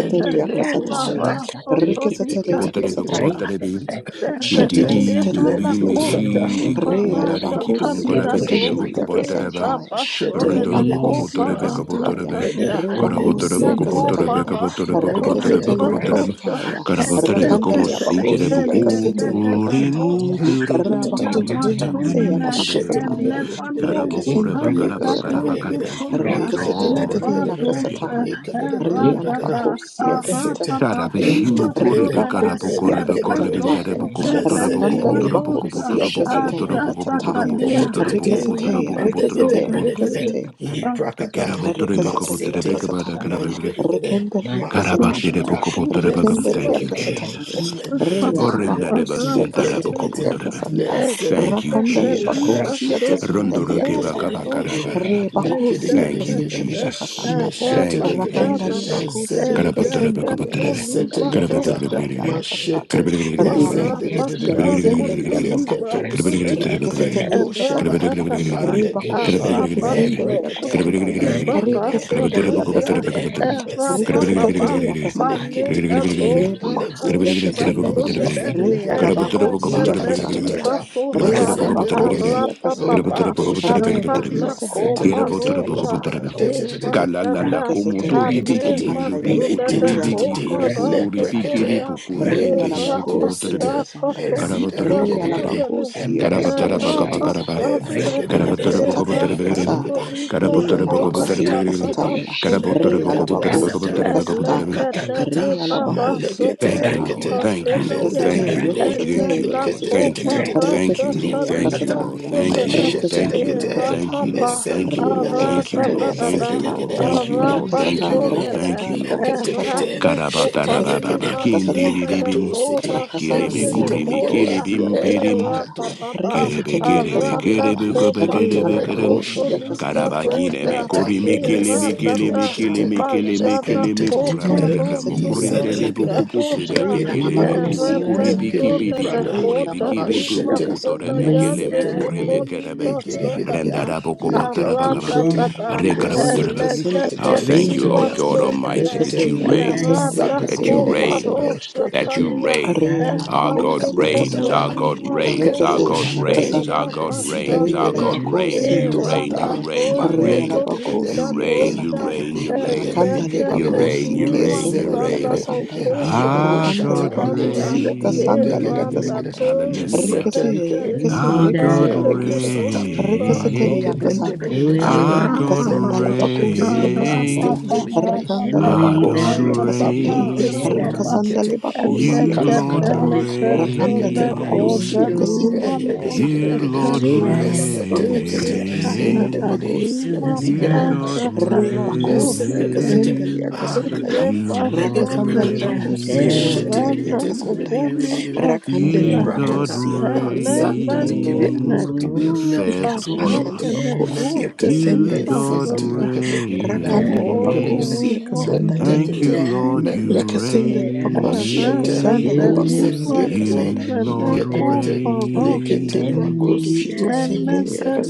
ente kutu
kasataya.
shata,
Rikasatalia
rasotoligato
Pontarebe
liketeketekete,
kasataya.
kopontarebe
likato shete,
kitiri
Rikasitalia
turi
lento
kasataya.
sata,
mishi de
Re
lento
kopontare
to to to
alabakosia
to
kiponkarabe
to to to
teremo
to to.
kasendelia
to.
kopontaraba
kasataya.
Shetelegede,
rundorobo
Rebakosia
kopotorebe
mandekede
kasataya.
kapotorebe
brede,
karabotorebe
Rebakosia
ezendelegede,
kopotorebe
kasataya.
kapotorebe
lekete
kopotorebe
Rekesitalia
brakada,
kapotorebe
kasataya.
karabotorebe como
nesetelekete,
Rakandalia
sinkere
bakosia
enketekete,
kasendelia
pokuri mu
kasataya.
pere pokuri
Rabakore
Likatatatatatatata.
bikindere
se
bekerebe
alabakasataya.
Mashetelekededededededede.
karabokoreba
Rekesendelia
karaba karabaka
kasataya.
Ekedekedekede.
thank you Lord God
Rekesitalia
Ekadadadadadadada.
kasataya. Re
Ekadadadadadadada.
alabakosia
Masete.
kasataya.
Endededede.
Thank
Rebakosia
Endekedebrede.
kasataya. Rakanda
Mesedelekede.
Epratosukepelimonosa
lebakosia kasetele
Ushadalegede.
katataya.
asatatalia
Meketetetete.
Rikesete, rikesete,
Melegedebredekede.
ilapasopekele
rikesete.
Liprakata.
Rikasatalia
Masete.
kasatalia,
Mengedegede.
rikendalia
akwara
kasatalia,
Makushata.
Karabaterebukobotorebekam. Thank
rikendalia
you,
utanimoso
Lezedelegede.
kasatalia,
Jesus.
papa
reyala bakusia
Likete kete
kasendalia
arapasatala
Orendarebasintarabukobotorebe.
kasanda,
lezede
Thank you,
rakandale
o
Jesus.
kato
bakusia
shete
ezekekelimosona
kasendalia
lide de de de
kasandaya,
de de
koparosa
de
Rondorakebakabakarabaraba.
re
likede de
bakusia
de
Thank
de
you,
de de de
ezetetete
de
kasendalia
Jesus.
kasandaya,
meshete
Thank you,
likede
rakandale
arapasanana
Jesus.
ezede
bakusia
likede
kasendalia
Karabaterebekabaterebe.
mesete
kasandalia
likata
ezeketolimarosa
kasandaya
Karabaterebekerebe.
la kasada,
mashete
Karabaterebekerebe.
ezende de de de
rabakusia
de de de
Marapasako
kasendalia
Libra
kasandaya.
leketo siti
Sudana
Karabaterebekerebe. Karabaterebekerebe.
Rikasatalia
endo shada
kasandaya,
Eratata
re
malegede gede
bakusia
Arapaso
kasendalia
eprekete
kasandaya.
Libra
endegede
Rekasendali
Karabaterebekerebe.
Natalia
elegede
akasandaya.
Karabaterebekerebe.
mesete
Erapapa
Kalalala
lekete
Rekasatateli
lekete
akasataya.
Manega
kete
Dosa
lego
Rebakosi
shete
Talibra
akasandaya.
Sudana
Re
Inzedelegedegede,
alabakosi
Erakata
akasandaya.
Libra
makatatata,
Re
Rosa
mazendelegede,
alabakosi
oh
akasandaya.
Arapapa
katoshiti,
Arana
Regalese
Copa
alabakosi
masetelekete,
Rosa
mandetetete,
Eratata
Rikesiteli
komotori biki
lekitikiti,
Anema
biru
kasandaya,
puku
Sudana
tori
Rea
biki
letitititi,
Copa
biru
labacosia
puku
Rasa
ribi
kasandaya,
kiri
leprekete,
Tolia
puku rimi
Rea
lindi
tere puku
labacosia
putere
Rabasha
shatosete,
kasandaya,
karabatere
Katolika
puku
Rea
putere
ezidelegedegede,
Sabada,
labacosia
karabatara baka
kasandalia
eleketoshiti,
bakaraba
Rabasha
kasandaya,
Every
Bada,
Evregedegede,
karabatere puku putere
Rakasatalia
biru
kasada,
evregedegede,
Rakatolika
Rea
karabatere puku
mando
labacosia
Sabada,
putere
satalikidi,
kasataya,
Thank you,
Rea
lepreketo
Karaposatalia,
Lord.
labacosia
sata,
kasataya,
makata
Elekata
kata,
Rea
Libara
labacosia
malekete
Thank you,
kasataya,
Lord.
brekete,
Sotolika
Thank you, Lord.
Sabaya,
Thank
Rikesate,
you,
lendedededede,
Lord. Thank
Rikesate,
you,
Elena
Lord.
Rikesate,
Thank you,
Kopa
Lord.
liketetetetete,
Thank
Rasa
you, Lord.
Rikesatelia
Thank you,
Kalima
liprakata,
Lord.
kasataya,
Thank you,
Sabada,
Lord.
meshete
Thank you,
Rikesatelia
Lord.
lekete,
Thank you,
kasataya,
Lord.
Rababa,
Thank you,
mesendo
Lord.
Rea la
leke,
Thank you,
Arada
Lord.
kasataya, la
Thank you,
Dada,
Lord.
kasataya.
edzedelegede,
Thank
Araba
you,
Rakasata,
Lord.
indegedegede,
Somene,
Thank
rakasata,
you, Lord.
rakasata,
leketekete,
Erate
shetegedegede,
rakasateli,
Karabatarababa.
koparima
kasata,
soda le
likato
Kindiribibim.
kora
siti,
Kilime
rakasata,
shande le
kurimi
ezideligede,
kota
yarabakosia,
kilibim pirim.
edo
era
kasata,
bababa
Kerebe
rakasateli,
kerebe
Ketebedoshide,
kasata,
arata
kerebe kerebe
komandozo
kerebe.
rigalabakosia,
tolita
kasata,
Karabakile
dosa
me
Iprakatakata,
kurimi kili
era
me kili
rikasateli,
Mesento
tata
me kili
Shete,
me kili me
mashana
kasata,
kili
Mekente,
me kurame karamo
koparoso
rakasateli,
kurinde de
tolita
Izedelegede,
buku
kasandaya,
pusi de
dosa
bekire be
Ligirigirigiri,
kupu
rigalabakosia,
erate
kuri biki
kasandaya,
Lekede,
soda
piri
le
brother,
pukuri
kota
bikiri
lima
rigalabakosia,
buku
Mashete,
putore
soda
me
kasandaya,
kele
yande
me
Masete
kure me
Lekede,
kerebe.
kepolima soda ya
Egirigirigiri,
Rendara buku botara
Lekento
bakaba.
arata
Shete,
tata
rigalabakosia,
Rekarabatarebe.
Mesete Likete,
elekete
Oh,
kasandaya,
thank you,
lima
Lord
kasandaya,
God
soda
Almighty, that
Letekete,
you
rikasay,
reign,
rikasay,
Zada
that you
Radako
Ligiri,
rikasay,
reign,
Barosha
that you
Talia
reign.
Re
Our God
Emane
alabacosia
reigns, our
Likatatata,
casandaya,
God
Kotolima
reigns, our
Sone
Mekedo
God
recasia la
Shite,
reigns, our
casandaya,
God reigns,
re
our
Zidaligede,
Erabashanana
God reigns.
alabacosia
You reign,
Erata
you
Tukata
casandaya,
reign, you
Toso
re
maleke
reign,
tekete
Tolika
you
alabacosia
reign, you
Tosha
casandaya,
reign, you
intikiti
reign,
racanda
you
eligedegede
reign,
lebacosi
you
que
Ezeketelima
reign, you
sendalia
mezedelegede
reign.
Sanato
casandaya,
eligede o
Our
racanda
Koparasha
shata
God
likiti
Talia
lebacosia casandalia
Erata
integedegedegede
reigns,
casandaya,
Toso
hallelujah.
mesete
ricase,
likete
ricase,
Ketelima
Our God
ricase,
Rande
indakatu
ricase,
sata
Kepoliba
malike
ricasatelia
Sotaya
reigns,
dende de de
casandaya,
de de de de
our God
racasanda
Arapa
leketekete
Ele
lebacosia casandaya,
reigns.
izdendeligede
racanda
Our
eko
God
lebacosia
shiti inte sota
reigns.
Rakasanda
likete
leba kosia
You, Lord,
kasanda
makatakata
ya. Rakanda
malekete
leba kosia
bradoshidi
reign.
kasenda lia kasanda ya.
You,
Ededededededede.
Lord,
Rakanda leba
Mesetelekete.
kosia kasenda leba
reign.
Indigede.
kosia kasanda
You,
Ligede
ya.
God,
brekete.
Reba kosia
Mesetelekete.
kasenda lia
reign.
kasanda
Akata.
ya.
You, Lord,
Alegede
Rakasanda
reign.
leba
brekata.
kosia kasenda lia kasanda ya.
Leshetelekete.
Rakanda
You,
leba
God,
Lipratata,
kosia
ah,
kasenda lia
Zanda
kasanda
likiri
ya.
reign
rukutu,
in the affairs of
leketu
all of
Ikasanda
shiti,
leba
us.
kosia
lekete,
kasenda
You,
lia
God,
insinti
kasanda.
likete,
Rakanda leba
Oh,
eligedegedegede,
reign.
kosia kasanda ya.
we worship
Thank you,
you,
mentekete,
Lord,
Jesus.
you
melekete,
Likasendele bakosia
mashete,
kasandale
reign.
bakosia
Rakatalipa
uzindelegede,
You,
kasandaya.
Lord,
someneko
inketekete,
paros.
likete
Likendale
reign.
bragudu
bakosia
shiti,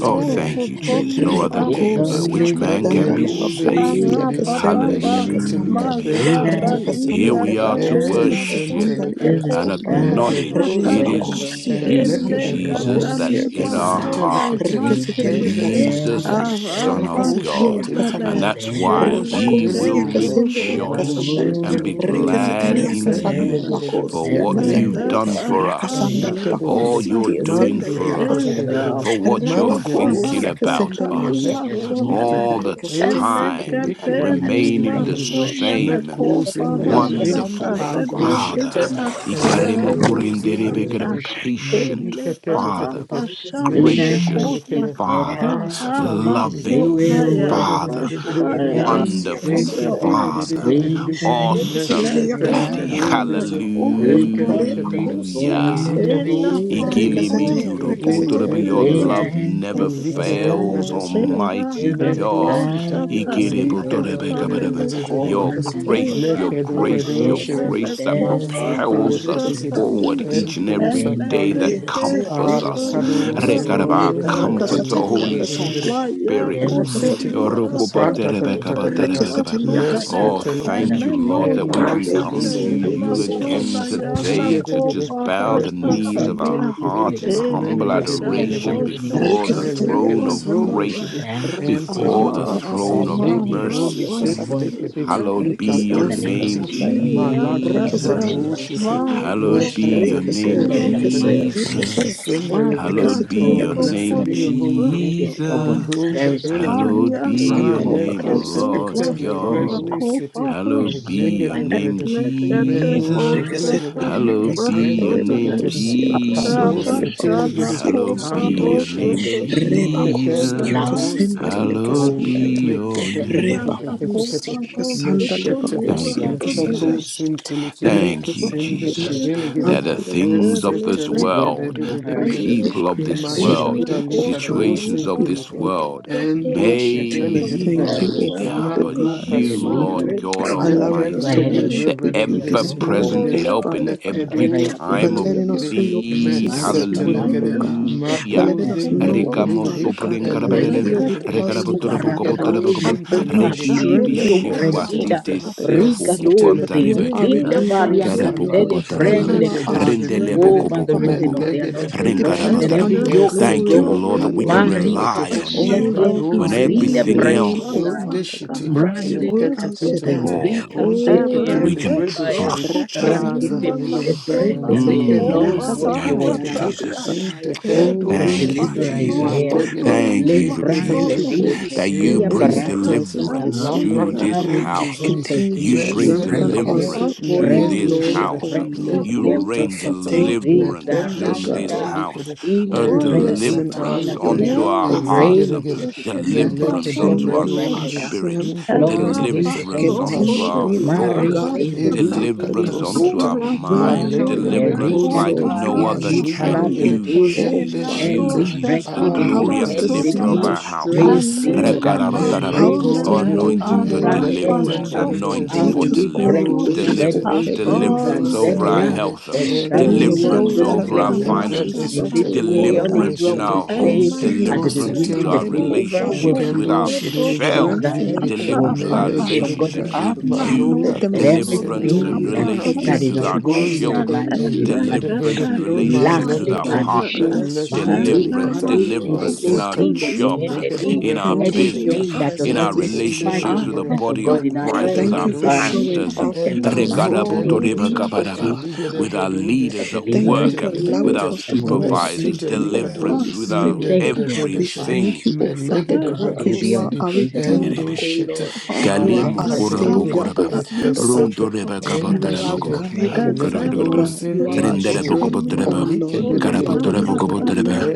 Oh, thank you, Jesus. No other
sotolipa
name by
meketekete,
Rebakosia
which man
sotali.
can
kasanda
be
mekedu
saved.
lebakosia
zindelegede,
kasanda lia
Arapapapa.
meshete
kasanda ya.
Hallelujah.
Masatali
Here
likapentetetetete,
Rakasanda
we are to
lebakosia
katalema
kasanda
worship
lia
ekensentelekede,
someneko
and
kasanda ya.
acknowledge
Medebro
it
parashatali.
Zada,
is
Rebakosia
you,
kasanda
Jesus,
Elegedebredegede,
that's
lebakosia
Elegatalima
in our
kasanda ya.
sona
heart.
Esitelikete,
Rekasitali
ihantekete
Jesus,
Enteketekete,
rasatanda
the
ya.
Son
araba
of
Eko
Rakasitali ya
God.
sona ne
And
kasanda
Shitelikete,
ya.
that's why
O
we
Rebakosia
will
elegeto
Shitelikete,
kasanda lia
rejoice
kasanda ya.
sotadiba
and be
Mashitelikete,
sona
Rekasitali
glad
ya
in
kasanda
you
ihantekete
Ezendelegedegede,
for
lebakosia
what
kasanda
you've
ya.
done
mereba
Endekatu,
for
sana
Rakasanda
us, all
Enlikedekede,
lebakosia
kota
you're doing for
kasanda
us,
eza
Mandedededededede,
for what you're
Mandeko
thinking
Rabakosia
obarasa
Sata,
about
kasendelia
us
talima
kasandai.
Eleko
sona ne
Shite,
all the
Rikasetelia
Mekos
time,
elegete
kasandale
lima
bakosia
remaining the
kasan.
sona ne
same.
in
Rakasatalia
kobarasa
delegate,
Wonderful
kasandale
talete
Anto
bakosia
Father,
Shate,
kasan.
bita
and
zami
Lekados in
Ikaremokorinderebekere,
delegate,
patient
ele
Melika
Father,
baraba
tetetetete,
shanele
Meshete
gracious
kofa
lekede,
Father,
Ah
baraba
Satalikide,
loving
sotmaya
Father,
fresh
Mendedededededededede,
fire
Rikasetelia
wonderful
from your
kasendelia
own
Father,
kasandai.
Ekededededededede,
awesome
Rikasetelia
Meshete
legacy
Daddy.
kasandalia
lekados
from the
in the
kasandia.
kofa
Etetetetete,
Rebakosia
and
Hallelujah.
kasandai.
ela
Likados in delegate,
Rikasete,
fafoso
rikasete,
Ikilimikiruputurupu, Your
kotiba
rikasete.
love
Ezedinigide.
never
Elikede
Rikasetelia
fails,
brede şede.
Eva
Almighty
Mendo
Reba
God.
sita.
kaposha
kusia kasandaya.
taliba
Elikede de de de de
Ikireputurupu,
me
de de de de
ko
Rakasatalia
de
your
de de.
kasandaya.
grace, your
era
Lekede
Reba
grace,
brede
your
faso
şede.
kusia
mele
grace that
kasandaya.
kofa
Masete
propels us
lekede gede.
Vasha
Rekasatalia
forward each and
Ento
kasandaya.
every day,
sakali
that
kede.
Rekase,
comforts
Ala
us.
rekase,
kado
rekase.
sendele
Rekaraba,
gede.
comforts, O
Rakasatalia
Elekede
Holy
gede gede.
kasandaya.
Spirit.
Echo City,
Rakasatalia kasandaya.
Pranta Tata Tata Tata,
Orokopaterebekabaterebekaba.
Rekasatalia
Mestre
Oh,
kasandaya.
Telecare,
thank you, Lord, that we
Endo
can come
Sabelli
to
Rekase,
you
Video
rekase,
City,
again
rekase.
today
Riga
to
de Gede,
just bow the
Echo
knees of our
Sintilicade,
heart in humble
Rekasatalia
Mende de
kasandaya.
adoration
Gede,
before the
Rekasatalia
Meleke
throne
de
of
Brode
kasandaya.
Shidi,
Thank
grace,
and
before the
Pekete,
Rakasatalia kase,
throne of
Ali
raba
de Brode
kusia
mercy.
kasandaya.
Sintilicade,
Hallowed be your
Icato
Rikisitili
name,
Sinti,
Akasandaya.
Malaga da
Rikisitili
Brato
Jesus.
Shidi,
Akasandaya.
Hallowed
Mestre
be your
Rikisi,
name,
Rikisi,
Telecare,
Rikisi,
Jesus.
Icasim Delegade,
Hallowed be
Rikisitili
Oh,
your
Thank
blessed
name,
Akasandaya.
be your holy name.
Jesus.
Andro Shibele Gede
Rikisitili
Hallowed be your
Akasandale
name,
Maleke
Bakosi
Lord
Tele
Akasandaya.
God.
Bredo City
Hallowed be your
Elegede
name,
Bread Mendo
Jesus.
Shedele Gede
Rikisitili
Hallowed be
Ikeke
your
Akasandale
name,
Tekete
Bakosi
Ikado
Akasandale
Jesus.
Setele Gede
Bakosi
Hallowed be
Ando
Akasandaya.
your
Shibe
name,
Inteke de
Rebakosi
Jesus.
Bredo
Akasendali
Sitalikede
Hallowed
Akasandaya.
be your
Mekete Tete Tete
name.
Tete Tete
Rebakosi Akasandale
Meshete
Thank
Bakosi
you,
Yefato
Akasandaya.
Jesus.
Sintilikede
Thank you,
Ende
Rikisitili
Jesus,
Shibele
that
Gede
the things of this world, the
you.
Esetelikadededededede.
people of this
Bless your
world,
Libra
name, O
Kota
Father
situations
God.
Libra
of
We
this
thank
Mashatalikadosepelekede.
Soda
world
you, Lord.
Sete La Kusma
We
may
Endoshetelegedegede.
thank
Bangkok
you,
let me
O
Dimana
down,
Father
but
Sini
God,
you,
Sima
Malukasuntu.
Lord
Leka
God
for
Tasa
allowing us to
Almighty,
Dana
the
worship with you
ever
this morning,
Lekentelebrededededededede.
present
O
Boleh
help
Dan
in
Father God.
every
Atia
For
time
Ina
of
letting
Lima
Lekedosentelekede.
us feel your
Sita
need.
presence this morning, O
Mesetelekede.
Dan
God.
Kita
For
Hallelujah.
Sini
letting us
Sini
know, O
Rekamo
Madozendelegedegede.
Father
Wakti
God,
sopren
that you are
karabadere,
here
Sete
with
Elegedegedegede.
us, O
Ya
Father
Sama
God.
rekarabotorapokobotoropokobo-
That
Kata
you are
Eligedoshentelekede.
Pasta
Regili
Lele
strengthening us,
Kopa
O
Lepreketetete
bishifuatite
Pasta
Father God.
Tanya
For
sefokopanta
you are
esitelekete
our
rebekebe.
Leka
Redeemer,
leko
O
Tane
sanda
Lord. For
Karabokobotaraba.
Pasona
you are our
Kopa
strength,
mededededededede
O Father
Rendelebokobokobokobo.
God.
melegede
We
breko
depend
shiti
upon
Renkarabotaram.
Esa
your
Thank
glory,
esete
Keta
you,
O
Lord, that we can
Lima
hallelujah.
inkentekete
rely on
O
Sita
you.
Lord, we
When
ivradozi
bless your
everything
If
ndeligede
name,
I
else
O
was
onde
Father
shiti
a
God. O
believer,
El
leketeketekete
woman,
Shaddai,
falls,
O
ontekete
ever
we can
was
Rahaya,
lebredo
so
shiri
could
trust you.
believe my
Rakasataya,
azadaligede
son and a
enlike
Derekesete,
hope
do
of
Mm,
a
thank you,
Rakasataya,
sintelekete
Catalia.
Jesus.
Rabakasataya.
If
intekedo
I
Thank
shiri
was
Bless
you,
your
so
Jesus.
name,
could
O
malegede
Lord.
Thank
believe
you
my
for
We thank
son,
you,
Jesus
ekedegedegede
Holy
that you
Spirit, for
ende
bring
your
if
sata
presence
I
alapra
deliverance
this
was
to
morning.
this
a
alafrakato
house.
ndezidi
Continue to
You bring
strengthen
mezedelegede
us in
father,
deliverance
all your
to
who
this
lekende
is
glory,
shede
O
house.
Lord.
a
You
lekota
rain
believer,
sata
Thank
so
you, O
deliverance
lekende
Father
to this
God.
shete
house.
likede
a
We
ende
boy,
bless and
sata
deliverance
honor your
likede
unto
name,
ever
our
O
was
Father
hearts. um,
a
eligedegede
God.
believer,
Deliverance
who
melekede
is a
Continue
unto our
being our
bredundi
spirits.
strength, O Lord.
Rapaz,
impekete
Deliverance
so could
unto
Continue
our
mashete
being our
likede
thoughts. um,
guide, O
ente
Father
Deliverance
kato
God.
God
unto
sata
our
When we
minds.
are
malegede
weak, O
Deliverance like
bredozidi
Lord, you
no
are
other can.
strong
eligedegede
in
You,
us, O
ende
Jesus.
Father
You,
shete
God.
Jesus. The
Ah,
Help
glory
us
and the
kata
to
kata
lifter
see
of
kata
your
our house.
strength, O
mesete
Lord.
Rekarabatarabam.
Help us to
elebrojede,
know you
Anointing for
more, O
Eleketen
deliverance,
Lord.
anointing for
dededededede.
Teach us all your
deliverance,
Oh
ways,
shit.
O
deliverance,
Heavenly
And
deliverance
those
is
Father
over our
God.
great,
delegate
health,
and
Jesus,
Bless
kujide
deliverance
those that are
over our
and
going
Kelebera,
through
finances,
stuff,
lepredesete
O Lord, that
and
deliverance in
are
mishede.
our homes,
unseen
Emana,
Iketo
at
deliverance
this
into our
time,
setelikiri.
Kelebera,
O Father
relationships
God.
with
Kendo
Kelebera,
ourselves
Strengthen them,
shideligere
O
deliverance with our
glorious
Papa,
Father
melegedegede
relationships
God.
with
Anna
you,
knows
Let them
what
malokato
see your
to make
deliverance
up
in
glory
sentelekede
in
her
every
own.
relationships with our
situation,
inteburzidi
O
children,
Lord.
deliverance
elikedebrede
in
Lord, we
relationships with our
thank
malekede
you. We
Elekatasmasobebe,
partners,
bless your name. We
deliverance,
honor
eleshetelikata
your Holy
deliverance in our
maseta
Spirit.
jobs, in our
elegedebredo
Thank you for your
business,
elemasokotonibasosotoniba,
in
presence
our
mende
this
relationships
morning.
with the
sedelegede
body of
akapata
Christ,
elekede
with
Thank
our
you for
bredo shede
showing
pastors,
up in
ento
times when we were
setelikete
weak, O Father
eligede
with
God.
our
bredo de
leaders at
Thank you
work,
for
with
allowing
inteketekete
our
us to pour out to
supervisors,
you, O
mesitelikado
Holy
deliverance with our
Spirit.
indegede
akatikosokotekibebesukasobe,
brede
We
shede
thank
everything.
you, O Father
melegede
God, because
bredo
you are
sidi
our Redeemer,
endo
O
shete
Lord. You are
Kalimo
our
Korabo
malakatekete
Savior, O
Koraba,
Father.
ekesete
Rondo Reba
elakatakatalibasosebe,
You
ende
are our
shede
Kabatarabakobo,
guide, O Father
elekedo
Kuruguruguru,
God. You are our
sintilikede
strength, O
Renderabokobotaraba,
Lord.
malikede
When
de de
we
de
are
de de de
weak,
de
O
de.
Karabotarabokobotaba,
Lord,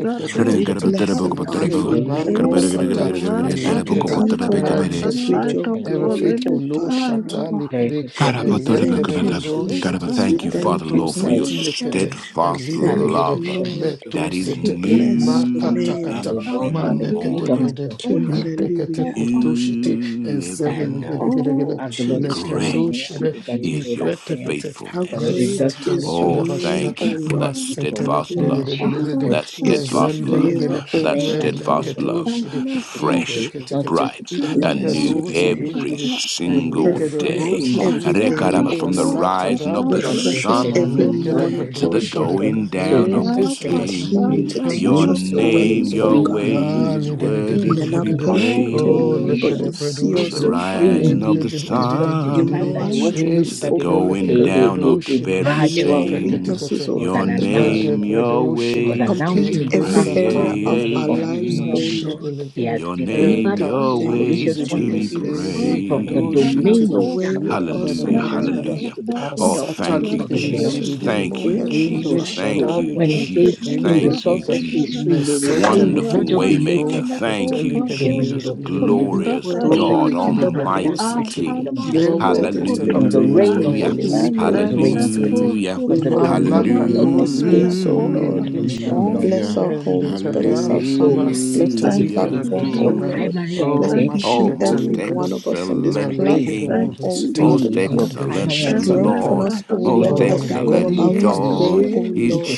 we bless and honor
faithful,
Renkarabatarabokobotaraba,
your
Hey,
name,
Marco
O God.
Sata, and
Rabba
Lekede
Continue to
Shabana,
and
wash
Karabaragaragaragaragaragaragarabokobotarabe,
the
the
us with
shadow,
light
your
of
ever
glory,
faithful
quality
O
no
Father
shine
God.
on
shata
my
likede
We
and
head.
lekede
thank
Oh,
you,
Karabotarabokobota.
redo
oh,
God, I
shete
Jesus. We
thank you, Father,
and
thank
to
you,
Lord, for your
sati
Jesus.
lekete and
We
steadfast
ligede
thank you,
gede
love
Lord.
meto
that is
We
sete
bless
ma
oh,
your
new
kata
name.
kata
every
ma
morning.
lekede
Thank you, hallelujah,
Inteketekotoshiti,
New every morning.
ezedelegedegedegede,
Jesus.
was
Great
it
lekendoshede,
the
is your
ipretepete,
How
faithfulness.
great is your
Oh,
lesetelekadabashada,
name, O
thank you for
Lord.
that
Papa,
steadfast love,
How
for
masetelekedededededede,
Papa,
that
great is your
Papa,
steadfast love,
Lima,
favor,
ezendelegede,
for
O
that
Father God.
steadfast love,
and
meleketoshede,
the
Master,
fresh,
inteketekete,
Suki,
bright,
We
and
bless
Lima,
new
your
so I
name.
every
intedozedelegede,
am Saka,
single
Refresh
day.
us
elekedebroshede,
every day,
Mahana,
Rekaraba,
O
From the
Lord.
rising of
Papa,
the
intasatadalagada,
Refresh us
Lima,
every
sun
Sona,
morning,
to
O
the
malekedebredoshede,
Father
going
God.
down of the
endesada,
same,
Continue to
Abafana
your
teach us your
kobali
name,
ways,
intentosatalikede,
O
your
God.
bafunda
Ah,
ways,
li- di- di- di- di-
worthy
We are
di-
to
di-
be
di-
not
di.
perfect, O
Oh,
Lord,
look
but
at
praised.
the
you
bread, oh,
see
From
shit.
the
us,
uh,
O Father
rising
God.
In
of
the
obuwubusebenzi
the
di- di- di- di- di- di- di-
You
di- di.
know our
sun
strength,
to
It's
the
a
O
kill, look
Father
at
going
the
God.
bread,
down
oh,
of the
shit. uh,
very
You
eh,
know our
prick
same,
weaknesses,
uh,
O
your
Father God.
the
name,
bread,
your
oh, shit. uh,
ways to be
Complete
In the
every area
satan, look
of
at the
our
ababashabe
lives,
my
O
praised.
shit, uh,
Lord.
look at the
Your
eh,
name, your
tattoo, and
Thank you,
this, uh,
ways to be
banasokhoni
eh,
Jesus.
dig, uh,
bafundana
shit.
praised.
Have
uh,
your way
koba
Look
with
at da-
us,
da-
O
Hallelujah.
da- da- da-
Lord.
da- da.
Hallelujah.
Ah,
Oh,
nalabafana
satan,
bafundana
thank
look
you,
at the- the-
Bless
the-
your
Jesus.
the- the- the.
name,
Thank
O
you,
Heavenly
In the
Jesus.
Father.
Thank
shadow,
bafundana
you, Jesus.
Thank you.
Ente
Thank you,
kata
Jesus.
mesete
Wonderful
lekede
Thank you.
o
waymaker.
abafana
kete
Thank you,
koba
lekede
Jesus.
rosokhoni
lekede
You are
Glorious
worthy,
o
God,
badashana
lekede bread o
God.
Almighty
sete
King.
You are
mente
worthy to
kete
be
kete
abamasokotoli
praised, O
Hallelujah.
Holy Spirit.
melikato
Elekatu
sete
Hallelujah.
We welcome
sutulima
you
malakado
in this
zede
space, O
sunenakona.
Lord.
ende shada
Oh,
Bless
we
Hallelujah.
our
must
ende
homes, bless
kada
our families, bless
masita
this
thank
Hallelujah.
likada
you,
da da
platform,
da
O
da da da.
Hmm.
Lord.
Jesus.
Bless
o
Thank
each
you,
Oh,
and
mashete
every
most
Jesus.
likada
one of us on this
excellent
melegede
Thank
platform,
King,
bread
O
you,
sete
Father
most
Jesus.
God.
ende
excellent
shata
Strengthen
likada
Lord,
us, O
Elekatu
most
Lord, as
oh
we
what
go
excellent
about
is
our
sunenakona.
your
day,
God
O
is
name
Lord.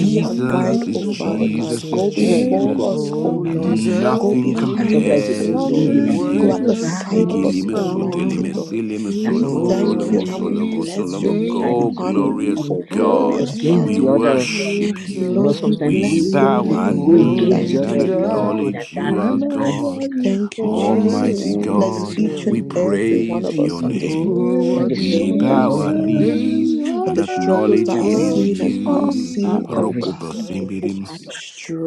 Be our guide, O
is
Father God.
Jesus, is
Go before
Jesus,
us, O
oh,
Ewa
you
Lord.
and
deserve
Go
the
nothing
sunenakona.
behind us,
praise.
O
compares to
Lord. Go at the
you.
Hallelujah
Worthy
side of
to
is
us,
Igilime
your
Almighty
sotelime
name.
our
Lord.
silime
We
solomo
Oh,
thank you
solomo
and we
Jesus.
worthy
solomo
is your
bless your
solomo.
name. We
Go,
name.
honor you,
glorious
O
Oh,
God,
glorious
we
Father.
Jesus.
worship you.
Lord, we
We
Jesus.
bless your
bow our
Jesus,
name.
I
We
Oh, you
knees
thank
and
you, Lord.
deserve the
acknowledge you are
am love
praise.
God.
We
you
thank you,
Almighty
Jesus.
forever.
Worthy
Bless
is
God,
each
your
and
we
every
name.
one of
praise
us
your
on
Yes,
this
name.
Oh,
your
We
day, O
worthy
bow
God,
is
our
your
knees
man
for
name.
and
the struggles
acknowledge
that are
is
it
a
is
Oh,
seen and
strong
you.
unseen,
power.
O God.
Jesus.
Rokopasimirim.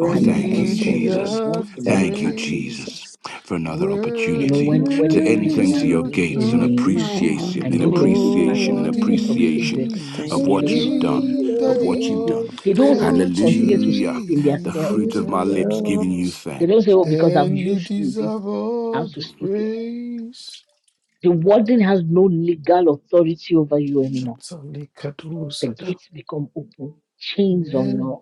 Oh, thank you,
You
us, O Lord.
Jesus,
Jesus.
We
deserve the
thank
Thank
you,
you,
praise.
Jesus,
Jesus.
for another opportunity to
Worthy
enter
there
is
into
is
your
your
a
gates in
name.
strong power.
appreciation, in
Thank you, Lord.
Oh,
appreciation, in
Jesus,
appreciation
We
worthy is
of
your
thank you,
what you've
oh,
Lord.
oh,
done,
name,
of what you've
Daddy.
oh,
done.
We
Oh,
oh,
thank you,
Hallelujah. The fruit
Jesus.
of my lips
Jesus.
giving you thanks.
And you deserve all the praise. Shatalikatusada. Amen.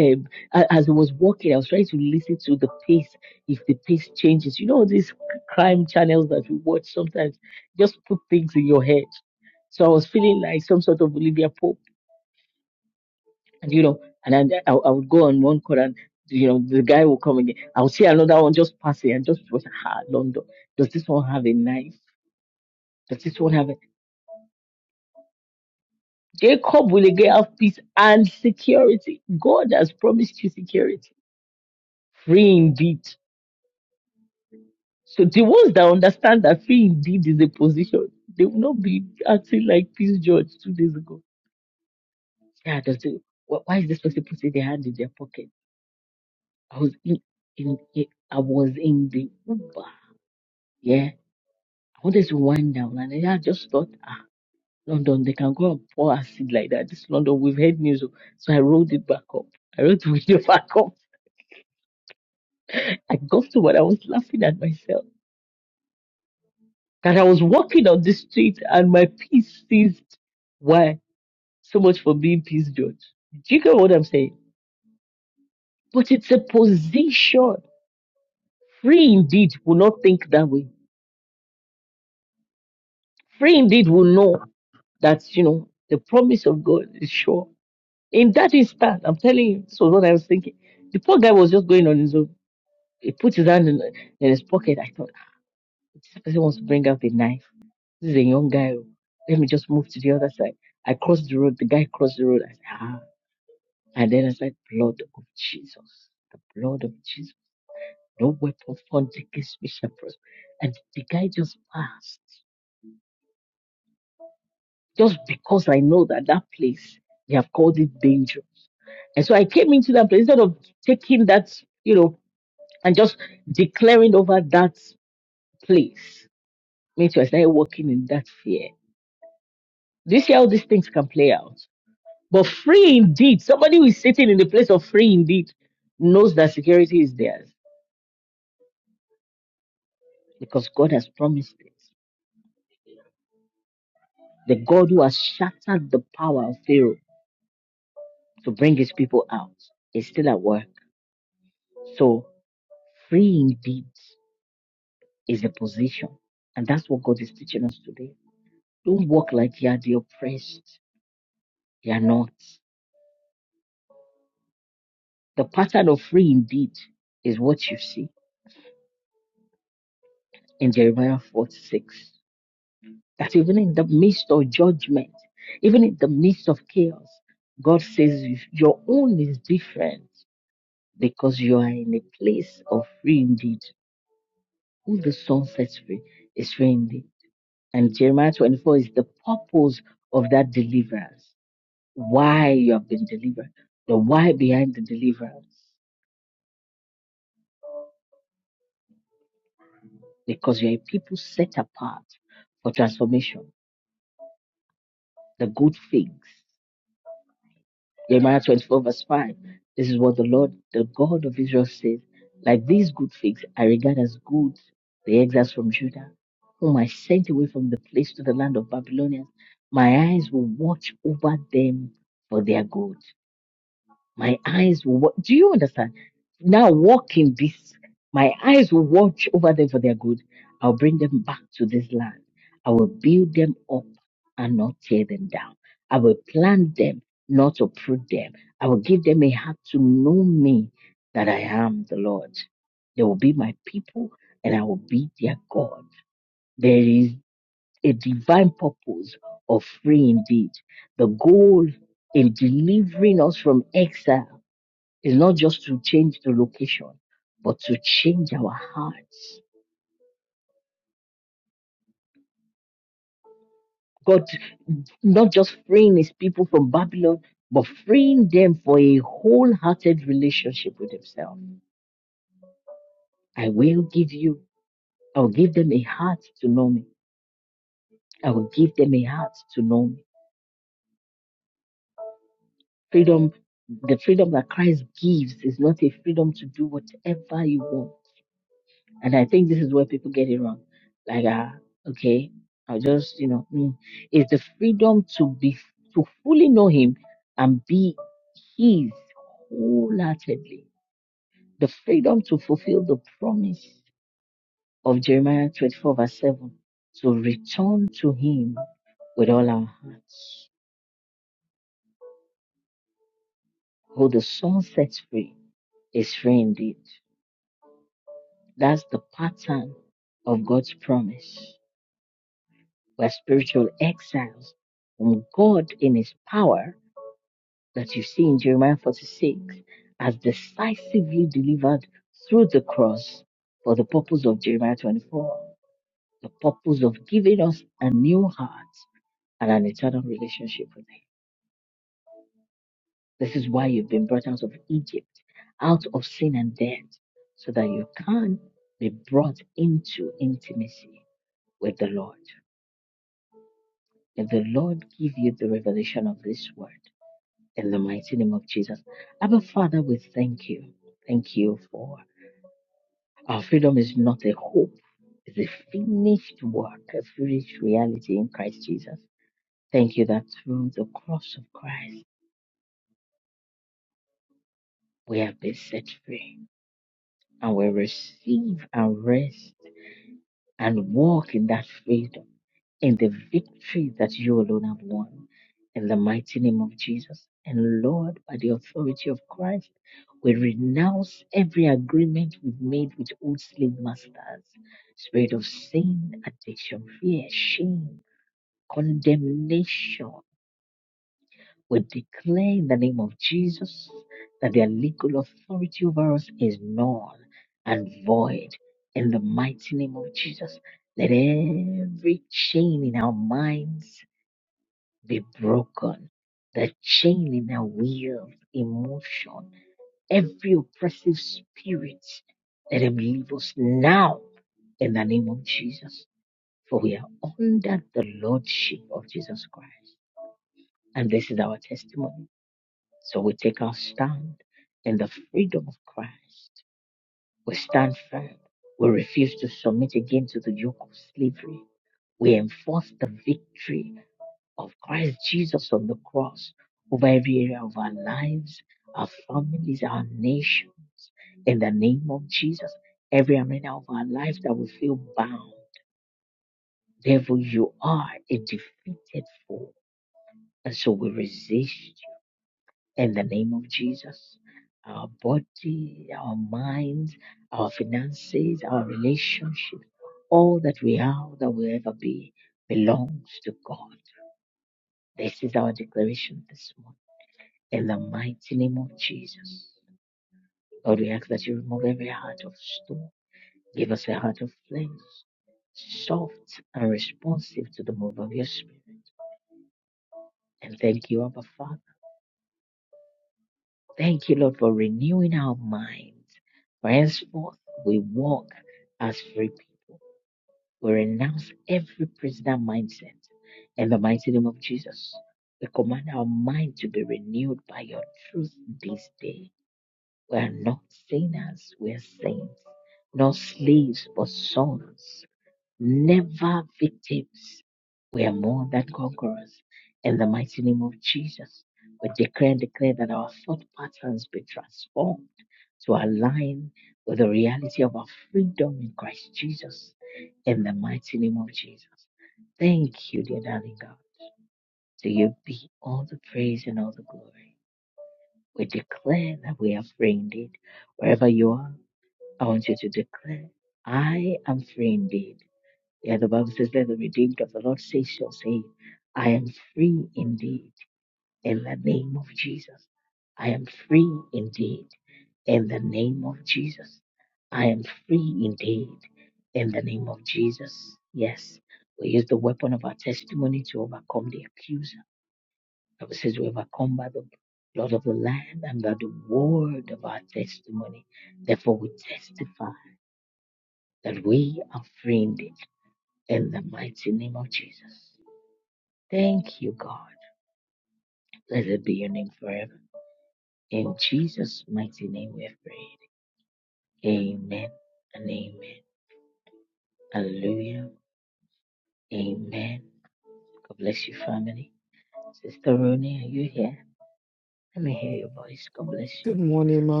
Good morning, Ma.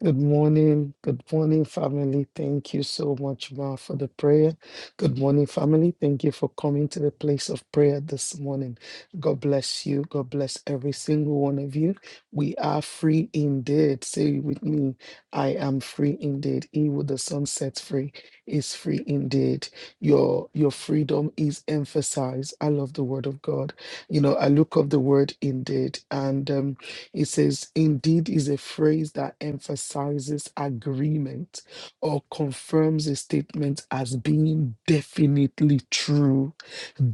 Good morning. Good morning, family. Thank you so much, Ma, for the prayer. Good morning, family. Thank you for coming to the place of prayer this morning. God bless you. God bless every single one of you. We are free indeed. Say with me, I am free indeed. He who the sun sets free is free indeed. Your your freedom is emphasized. I love the word of God. You know, I look up the word indeed, and um, it says, indeed is a phrase that emphasizes agreement or confirms a statement as being definitely true.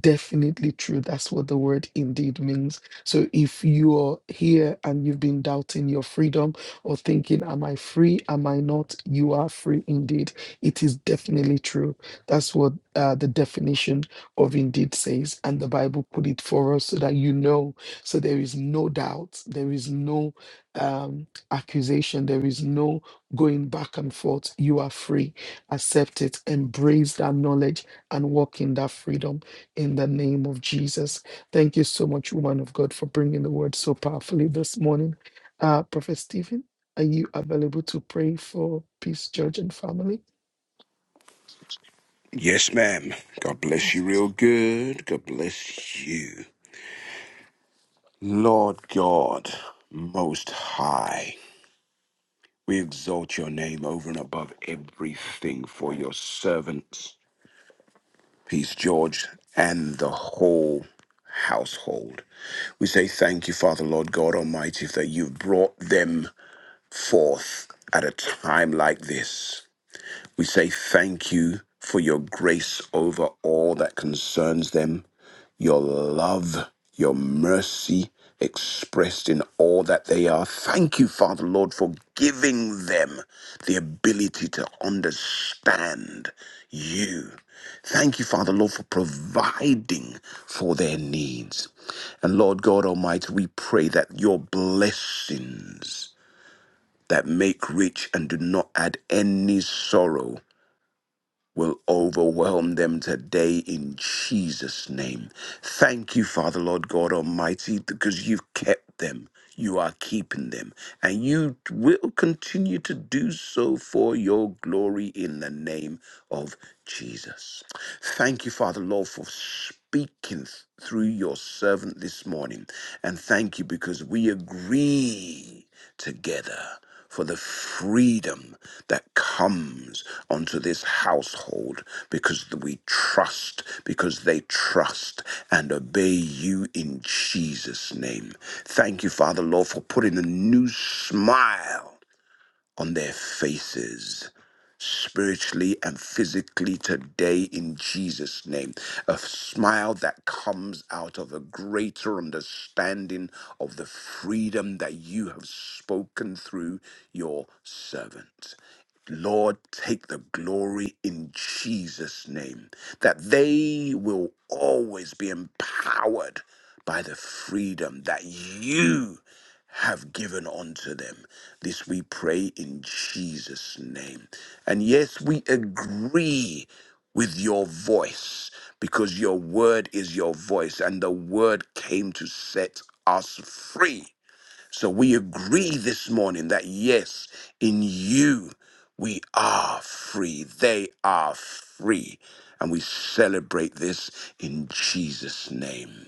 Definitely true. That's what the word indeed means. So if you're here and you've been doubting your freedom or thinking, am I free? Am I not? You are free indeed. It is definitely true. That's what uh, the definition of indeed says. And the Bible put it for us so that you know so there is no doubt, there is no um, accusation, there is no going back and forth. You are free. Accept it, embrace that knowledge, and walk in that freedom in the name of Jesus. Thank you so much, woman of God, for bringing the word so powerfully this morning. Uh, Prophet Stephen, are you available to pray for Peace Church and family?
Yes, ma'am. God bless you real good. God bless you. Lord God, most high, we exalt your name over and above everything for your servants, Peace George, and the whole household. We say thank you, Father, Lord God Almighty, that you've brought them forth at a time like this. We say thank you for your grace over all that concerns them, your love, your mercy expressed in all that they are. Thank you, Father Lord, for giving them the ability to understand you. Thank you, Father Lord, for providing for their needs. And Lord God Almighty, we pray that your blessings that make rich and do not add any sorrow will overwhelm them today in Jesus' name. Thank you, Father, Lord God Almighty, because you've kept them. You are keeping them, and you will continue to do so for your glory in the name of Jesus. Thank you, Father, Lord, for speaking th- through your servant this morning. And thank you because we agree together for the freedom that comes onto this household because we trust, because they trust and obey you in Jesus' name. Thank you, Father, Lord, for putting a new smile on their faces spiritually and physically today in Jesus name a smile that comes out of a greater understanding of the freedom that you have spoken through your servant Lord, take the glory in Jesus' name, that they will always be empowered by the freedom that you have given unto them. This we pray in Jesus' name. And yes, we agree with your voice because your word is your voice and the word came to set us free. So we agree this morning that yes, in you we are free. They are free. And we celebrate this in Jesus' name.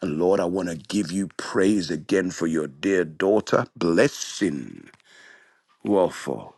And Lord, I want to give you praise again for your dear daughter. Blessing. Wofo,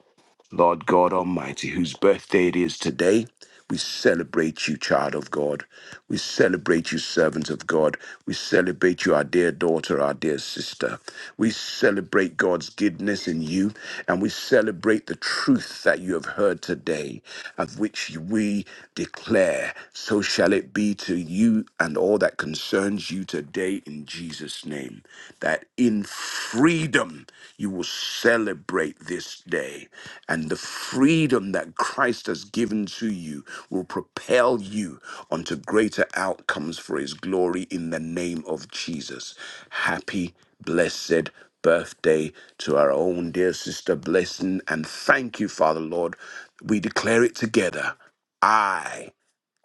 Lord God Almighty, whose birthday it is today. We celebrate you, child of God. We celebrate you, servant of God. We celebrate you, our dear daughter, our dear sister. We celebrate God's goodness in you, and we celebrate the truth that you have heard today, of which we declare, so shall it be to you and all that concerns you today in Jesus. Jesus' name, that in freedom you will celebrate this day, and the freedom that Christ has given to you will propel you onto greater outcomes for his glory in the name of Jesus. Happy, blessed birthday to our own dear sister Blessing, and thank you, Father Lord. We declare it together. I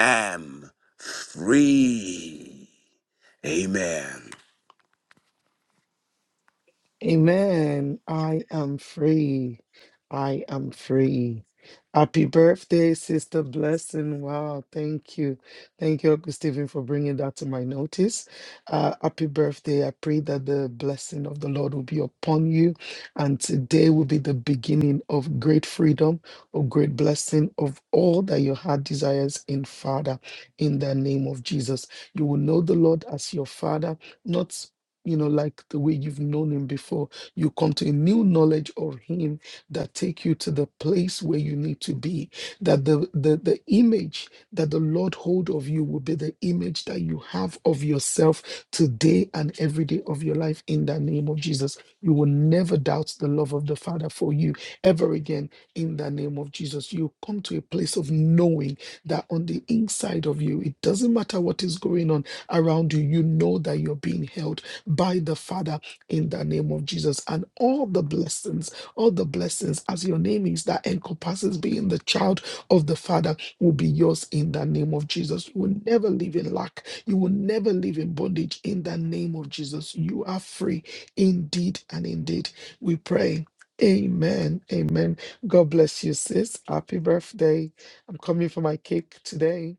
am free. Amen.
Amen. I am free. I am free. Happy birthday, Sister Blessing. Wow, thank you. Thank you, Uncle Stephen, for bringing that to my notice. Uh, happy birthday. I pray that the blessing of the Lord will be upon you. And today will be the beginning of great freedom, of great blessing, of all that your heart desires in Father, in the name of Jesus. You will know the Lord as your Father, not you know, like the way you've known him before. You come to a new knowledge of him that take you to the place where you need to be. That the the, the image that the Lord hold of you will be the image that you have of yourself today and every day of your life in the name of Jesus. You will never doubt the love of the Father for you ever again in the name of Jesus. You come to a place of knowing that on the inside of you, it doesn't matter what is going on around you, you know that you're being held by the Father in the name of Jesus. And all the blessings, all the blessings, as your name is, that encompasses being the child of the Father, will be yours in the name of Jesus. You will never live in lack. You will never live in bondage in the name of Jesus. You are free indeed and indeed. We pray. Amen. Amen. God bless you, sis. Happy birthday. I'm coming for my cake today.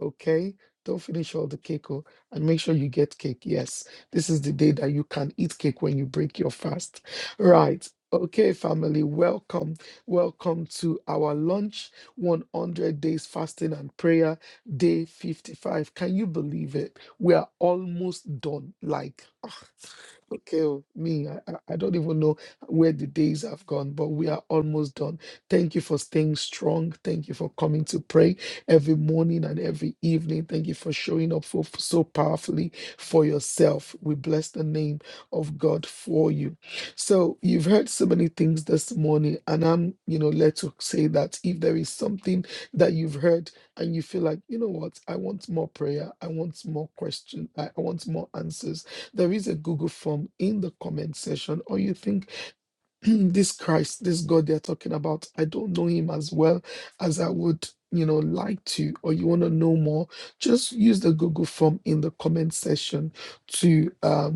Okay. Don't finish all the cake. Oh, and make sure you get cake. Yes. This is the day that you can eat cake when you break your fast. Right. Okay, family, welcome. Welcome to our lunch 100 days fasting and prayer, day 55. Can you believe it? We are almost done. Like, ah, okay, oh, me, I, I I don't even know where the days have gone, but we are almost done. Thank you for staying strong. Thank you for coming to pray every morning and every evening. Thank you for showing up for, so powerfully for yourself. We bless the name of God for you. So you've heard so many things this morning, and I'm, you know, led to say that if there is something that you've heard and you feel like, you know what, I want more prayer, I want more questions, I I want more answers, there is a Google form in the comment section, or you think this Christ, this God they're talking about, I don't know him as well as I would, you know, like to, or you want to know more, just use the Google form in the comment section to um,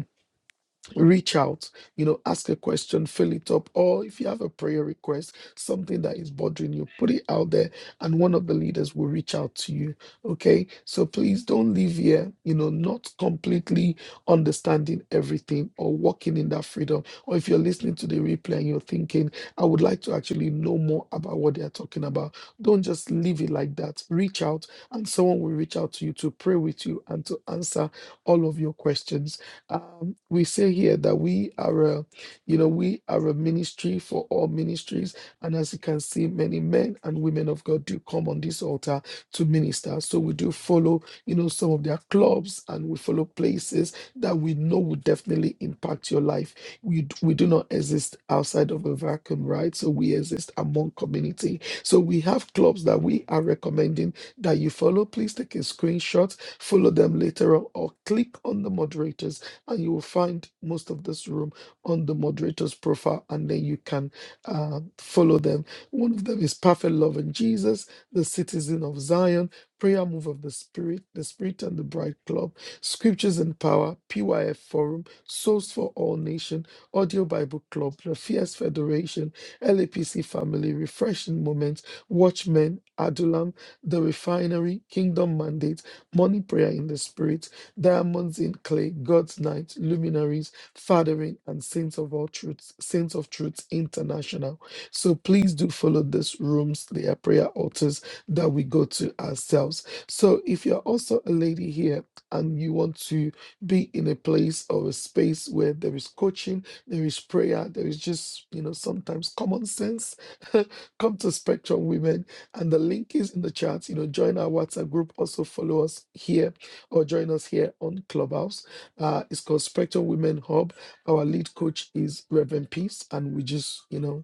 reach out, you know, ask a question, fill it up, or if you have a prayer request, something that is bothering you, put it out there, and one of the leaders will reach out to you. Okay, so please don't leave here, you know, not completely understanding everything or walking in that freedom. Or if you're listening to the replay and you're thinking, I would like to actually know more about what they are talking about, don't just leave it like that. Reach out, and someone will reach out to you to pray with you and to answer all of your questions um, we say here that we are a, you know, we are a ministry for all ministries. And as you can see, many men and women of God do come on this altar to minister. So we do follow, you know, some of their clubs and we follow places that we know will definitely impact your life. We, d- we do not exist outside of a vacuum, right? So we exist among community. So we have clubs that we are recommending that you follow. Please take a screenshot, follow them later on, or click on the moderators and you will find most of this room on the moderator's profile, and then you can uh, follow them. One of them is Perfect Love and Jesus, The Citizen of Zion, Prayer Move of the Spirit, The Spirit and the Bride Club, Scriptures and Power, PYF Forum, Souls for All Nation, Audio Bible Club, The Fierce Federation, LAPC Family, Refreshing Moments, Watchmen, Adulam, The Refinery, Kingdom Mandate, Morning Prayer in the Spirit diamonds in clay, God's night, luminaries, fathering, and saints of all truths, saints of truth international. So please do follow these rooms. They are prayer altars that we go to ourselves. So if you're also a lady here and you want to be in a place or a space where there is coaching, there is prayer, there is just, you know, sometimes common sense, come to Spectrum Women. And the link is in the chat. You know, join our WhatsApp group. Also follow us here or join us here on Clubhouse. Uh, it's called Spectrum Women Hub. Our lead coach is Reverend Peace, and we just, you know,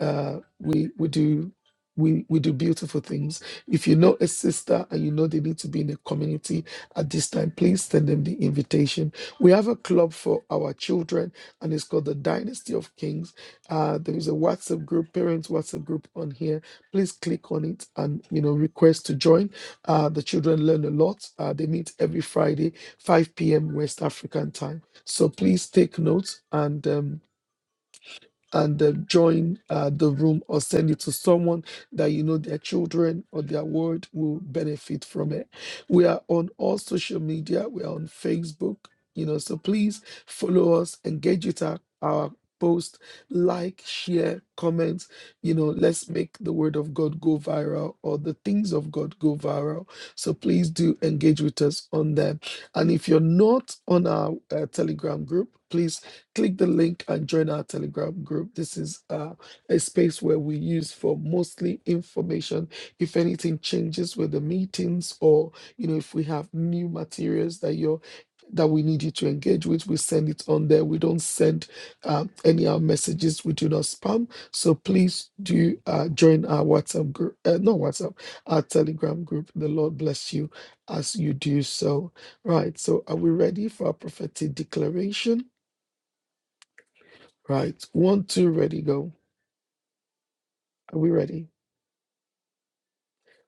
uh, we we do. We, we do beautiful things. If you know a sister and you know they need to be in a community at this time, please send them the invitation. We have a club for our children, and it's called the Dynasty of Kings. Uh, there is a WhatsApp group, parents WhatsApp group on here. Please click on it and you know request to join uh, the children learn a lot. Uh, they meet every Friday, 5 p.m. West African time. So please take notes and. Um, and uh, join uh, the room or send it to someone that you know their children or their word will benefit from it. We are on all social media. We are on Facebook, you know, so please follow us, engage with our, our post, like, share, comment. You know, let's make the word of God go viral or the things of God go viral. So please do engage with us on them. And if you're not on our uh, Telegram group, please click the link and join our Telegram group. This is uh, a space where we use for mostly information. If anything changes with the meetings, or you know, if we have new materials that you're that we need you to engage with, we send it on there. We don't send um, any of our messages. We do not spam. So please do uh, join our WhatsApp group, uh, not WhatsApp, our Telegram group. The Lord bless you as you do so. Right. So are we ready for our prophetic declaration? Right. One, two, ready, go. Are we ready?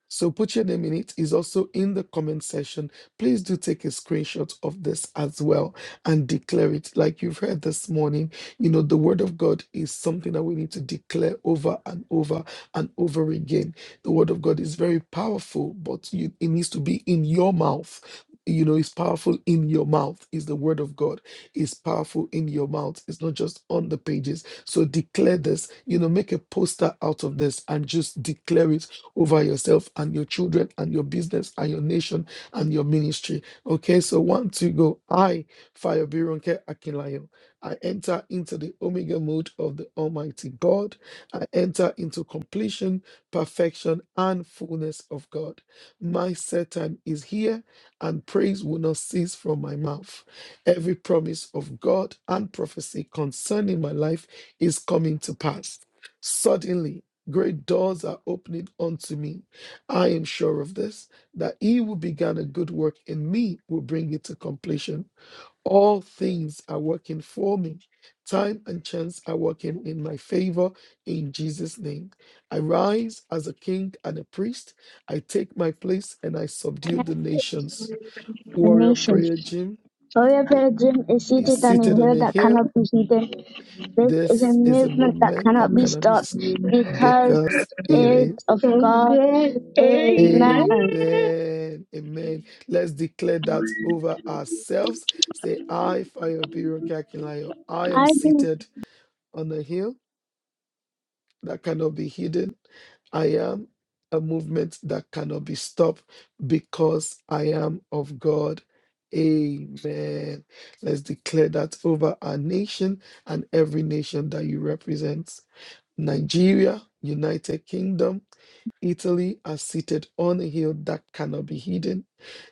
So put your name in it. It's also in the comment section. Please do take a screenshot of this as well and declare it. Like you've heard this morning, you know, the word of God is something that we need to declare over and over and over again. The word of God is very powerful, but you, it needs to be in your mouth. You know, it's powerful in your mouth. Is the word of God is powerful in your mouth. It's not just on the pages. So declare this. You know, make a poster out of this and just declare it over yourself and your children and your business and your nation and your ministry. Okay, so one, two, go. I, Fire Birunke Akinlayo, I enter into the Omega mode of the Almighty God. I enter into completion, perfection, and fullness of God. My set time is here, and praise will not cease from my mouth. Every promise of God and prophecy concerning my life is coming to pass. Suddenly, Great doors are opening unto me. I am sure of this, that he who began a good work in me will bring it to completion. All things are working for me. Time and chance are working in my favor in Jesus' name. I rise as a king and a priest. I take my place and I subdue the nations. Warrior
explanation.
Prayer Gym
For your
i-
pilgrim is
is
seated on a
seated on
hill
a
that
hill.
cannot be hidden. This is a
This is a
movement that
movement
cannot
that
be
cannot be
stopped
s-
because
because it
it is
is.
of God. in man.
Amen. Amen. Let's declare that over ourselves. Say, I, Fire Biro I am
I think
seated on a hill that cannot be hidden. I am a movement that cannot be stopped because I am of God. Amen. Let's declare that over our nation and every nation that you represent Nigeria, United Kingdom. Italy are seated on a hill that cannot be hidden.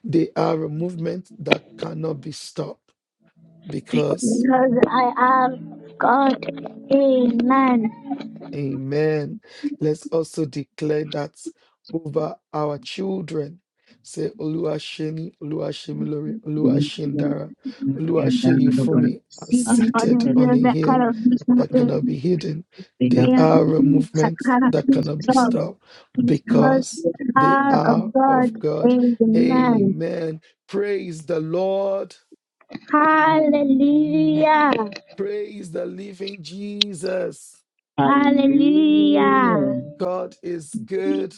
They are a movement that cannot be stopped because
because I am God. Amen.
Amen. Let's also declare that over our children. Say, Oluwasheni, Oluwashemilore, Oluwashendara, Oluwasheyifumi are
Seated on
seated
a
on
hill
a
that
hill
cannot be
that cannot
hidden.
be hidden. They
Amen.
are a
That
movement
cannot
that
be
cannot be
stopped
stopped
because
because
we
they
are
are
of God.
of God.
is in man.
Amen. Praise the Lord.
Hallelujah.
Praise the living Jesus.
Hallelujah.
God is good.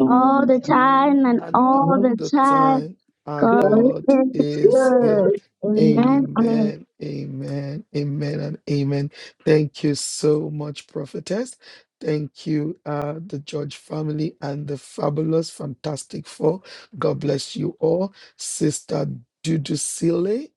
All the time and
and
all
all
the
the
time
time. Our
God
God
is
is good.
good. Amen. Amen.
Amen, amen, amen, and amen. Thank you so much, prophetess. Thank you, uh, the George family and the fabulous, fantastic four. God bless you all. Sister Dudu Sile,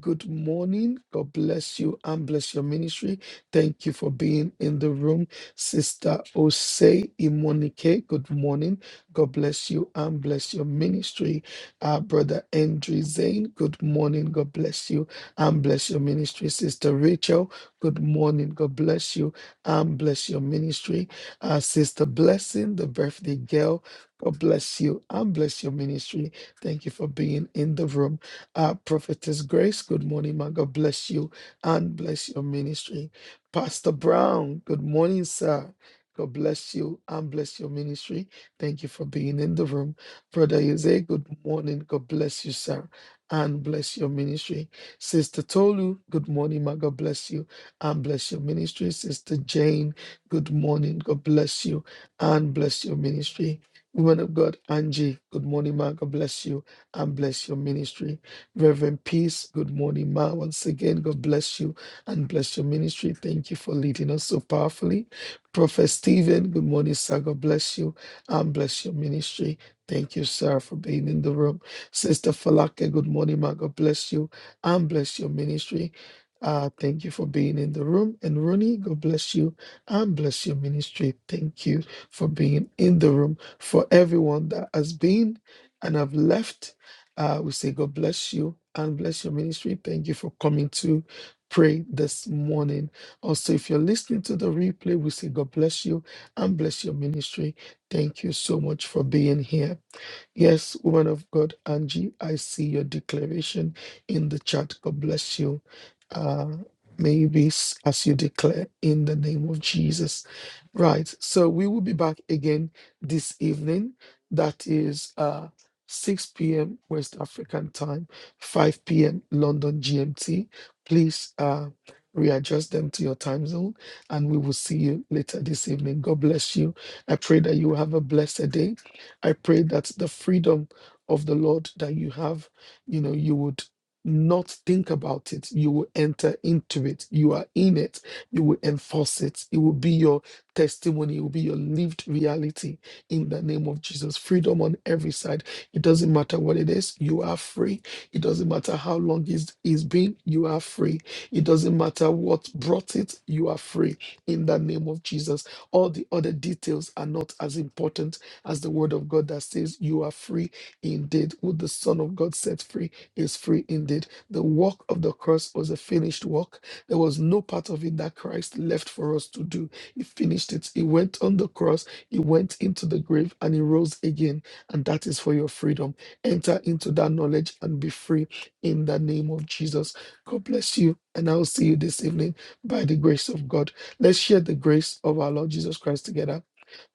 good morning. God bless you and bless your ministry. Thank you for being in the room. Sister Osei Imonike, good morning. God bless you and bless your ministry. Uh, Brother Andrew Zane, good morning. God bless you and bless your ministry. Sister Rachel, good morning. God bless you and bless your ministry. Uh, Sister Blessing, the birthday girl, God bless you and bless your ministry. Thank you for being in the room. Uh, Prophetess Grace, good morning, man. God bless you and bless your ministry. Pastor Brown, good morning, sir. God bless you and bless your ministry. Thank you for being in the room. Brother Jose, good morning. God bless you, sir. And bless your ministry. Sister Tolu, good morning. Ma. God bless you. And bless your ministry. Sister Jane, good morning. God bless you. And bless your ministry. Woman of God, Angie, good morning, ma. God bless you and bless your ministry. Reverend Peace, good morning, ma. Once again, God bless you and bless your ministry. Thank you for leading us so powerfully. Prophet Stephen, good morning, sir. God bless you and bless your ministry. Thank you, sir, for being in the room. Sister Falake, good morning, ma. God bless you and bless your ministry. Uh, thank you for being in the room. And Ronnie, God bless you and bless your ministry. Thank you for being in the room. For everyone that has been and have left, uh, we say God bless you and bless your ministry. Thank you for coming to pray this morning. Also, if you're listening to the replay, we say God bless you and bless your ministry. Thank you so much for being here. Yes, woman of God, Angie, I see your declaration in the chat. God bless you. Uh, may you be s- as you declare in the name of Jesus. Right. So we will be back again this evening. That is uh, 6 p.m. West African time, 5 p.m. London GMT. Please uh, readjust them to your time zone and we will see you later this evening. God bless you. I pray that you have a blessed day I pray that the freedom of the Lord that you have, you know, you would not think about it. You will enter into it. You are in it. You will enforce it. It will be your testimony. It will be your lived reality in the name of Jesus. Freedom on every side. It doesn't matter what it is. You are free. It doesn't matter how long it's, it's been. You are free. It doesn't matter what brought it. You are free in the name of Jesus. All the other details are not as important as the word of God that says, You are free indeed. Who the Son of God set free is free indeed. The work of the cross was a finished work. There was no part of it that Christ left for us to do. He finished it. He went on the cross, He went into the grave, and He rose again. And that is for your freedom. Enter into that knowledge and be free in the name of Jesus. God bless you. And I will see you this evening by the grace of God. Let's share the grace of our Lord Jesus Christ together.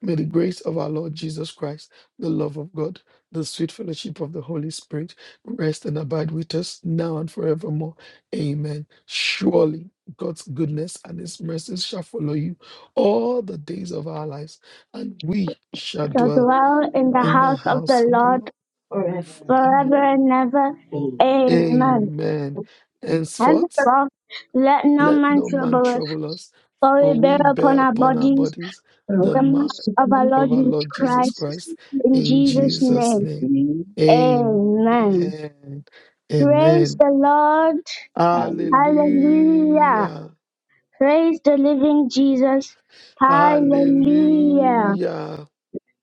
May the grace of our Lord Jesus Christ, the love of God, the sweet fellowship of the Holy Spirit rest and abide with us now and forevermore. Amen. Surely God's goodness and his mercies shall follow you all the days of our lives, and we shall
Shall
dwell
dwell in the
in the
house of
house
the
of the
Lord
Lord forever.
forever and ever. Amen.
Amen. Henceforth,
Henceforth, let no
let
man
no man
trouble
trouble
us,
us,
for
for
we bear
we
upon
bear
our
upon our
bodies
bodies the
the
mark
marks of our Lord
of our
Jesus
Lord Jesus
Christ.
Christ.
In
In
Jesus'
Jesus'
name.
name.
Amen.
Amen.
Praise
Amen.
the Lord. Hallelujah.
Hallelujah.
Praise the living Jesus. Hallelujah.
Hallelujah.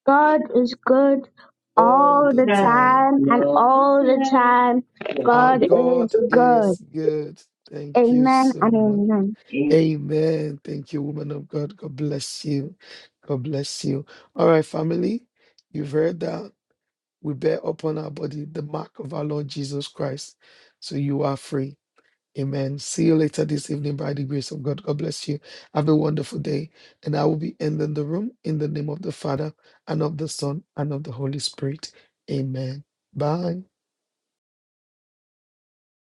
God is good
All
all
the
the
time.
time and all the time.
Our
God
God
is good.
is good. Thank you
Amen and
so much.
amen.
Amen. Thank you, woman of God. God bless you. God bless you. All right, family. You've heard that we bear upon our body the mark of our Lord Jesus Christ. So you are free Amen. See you later this evening by the grace of God. God bless you. Have a wonderful day. And I will be ending the room in the name of the Father and of the Son and of the Holy Spirit. Amen. Bye.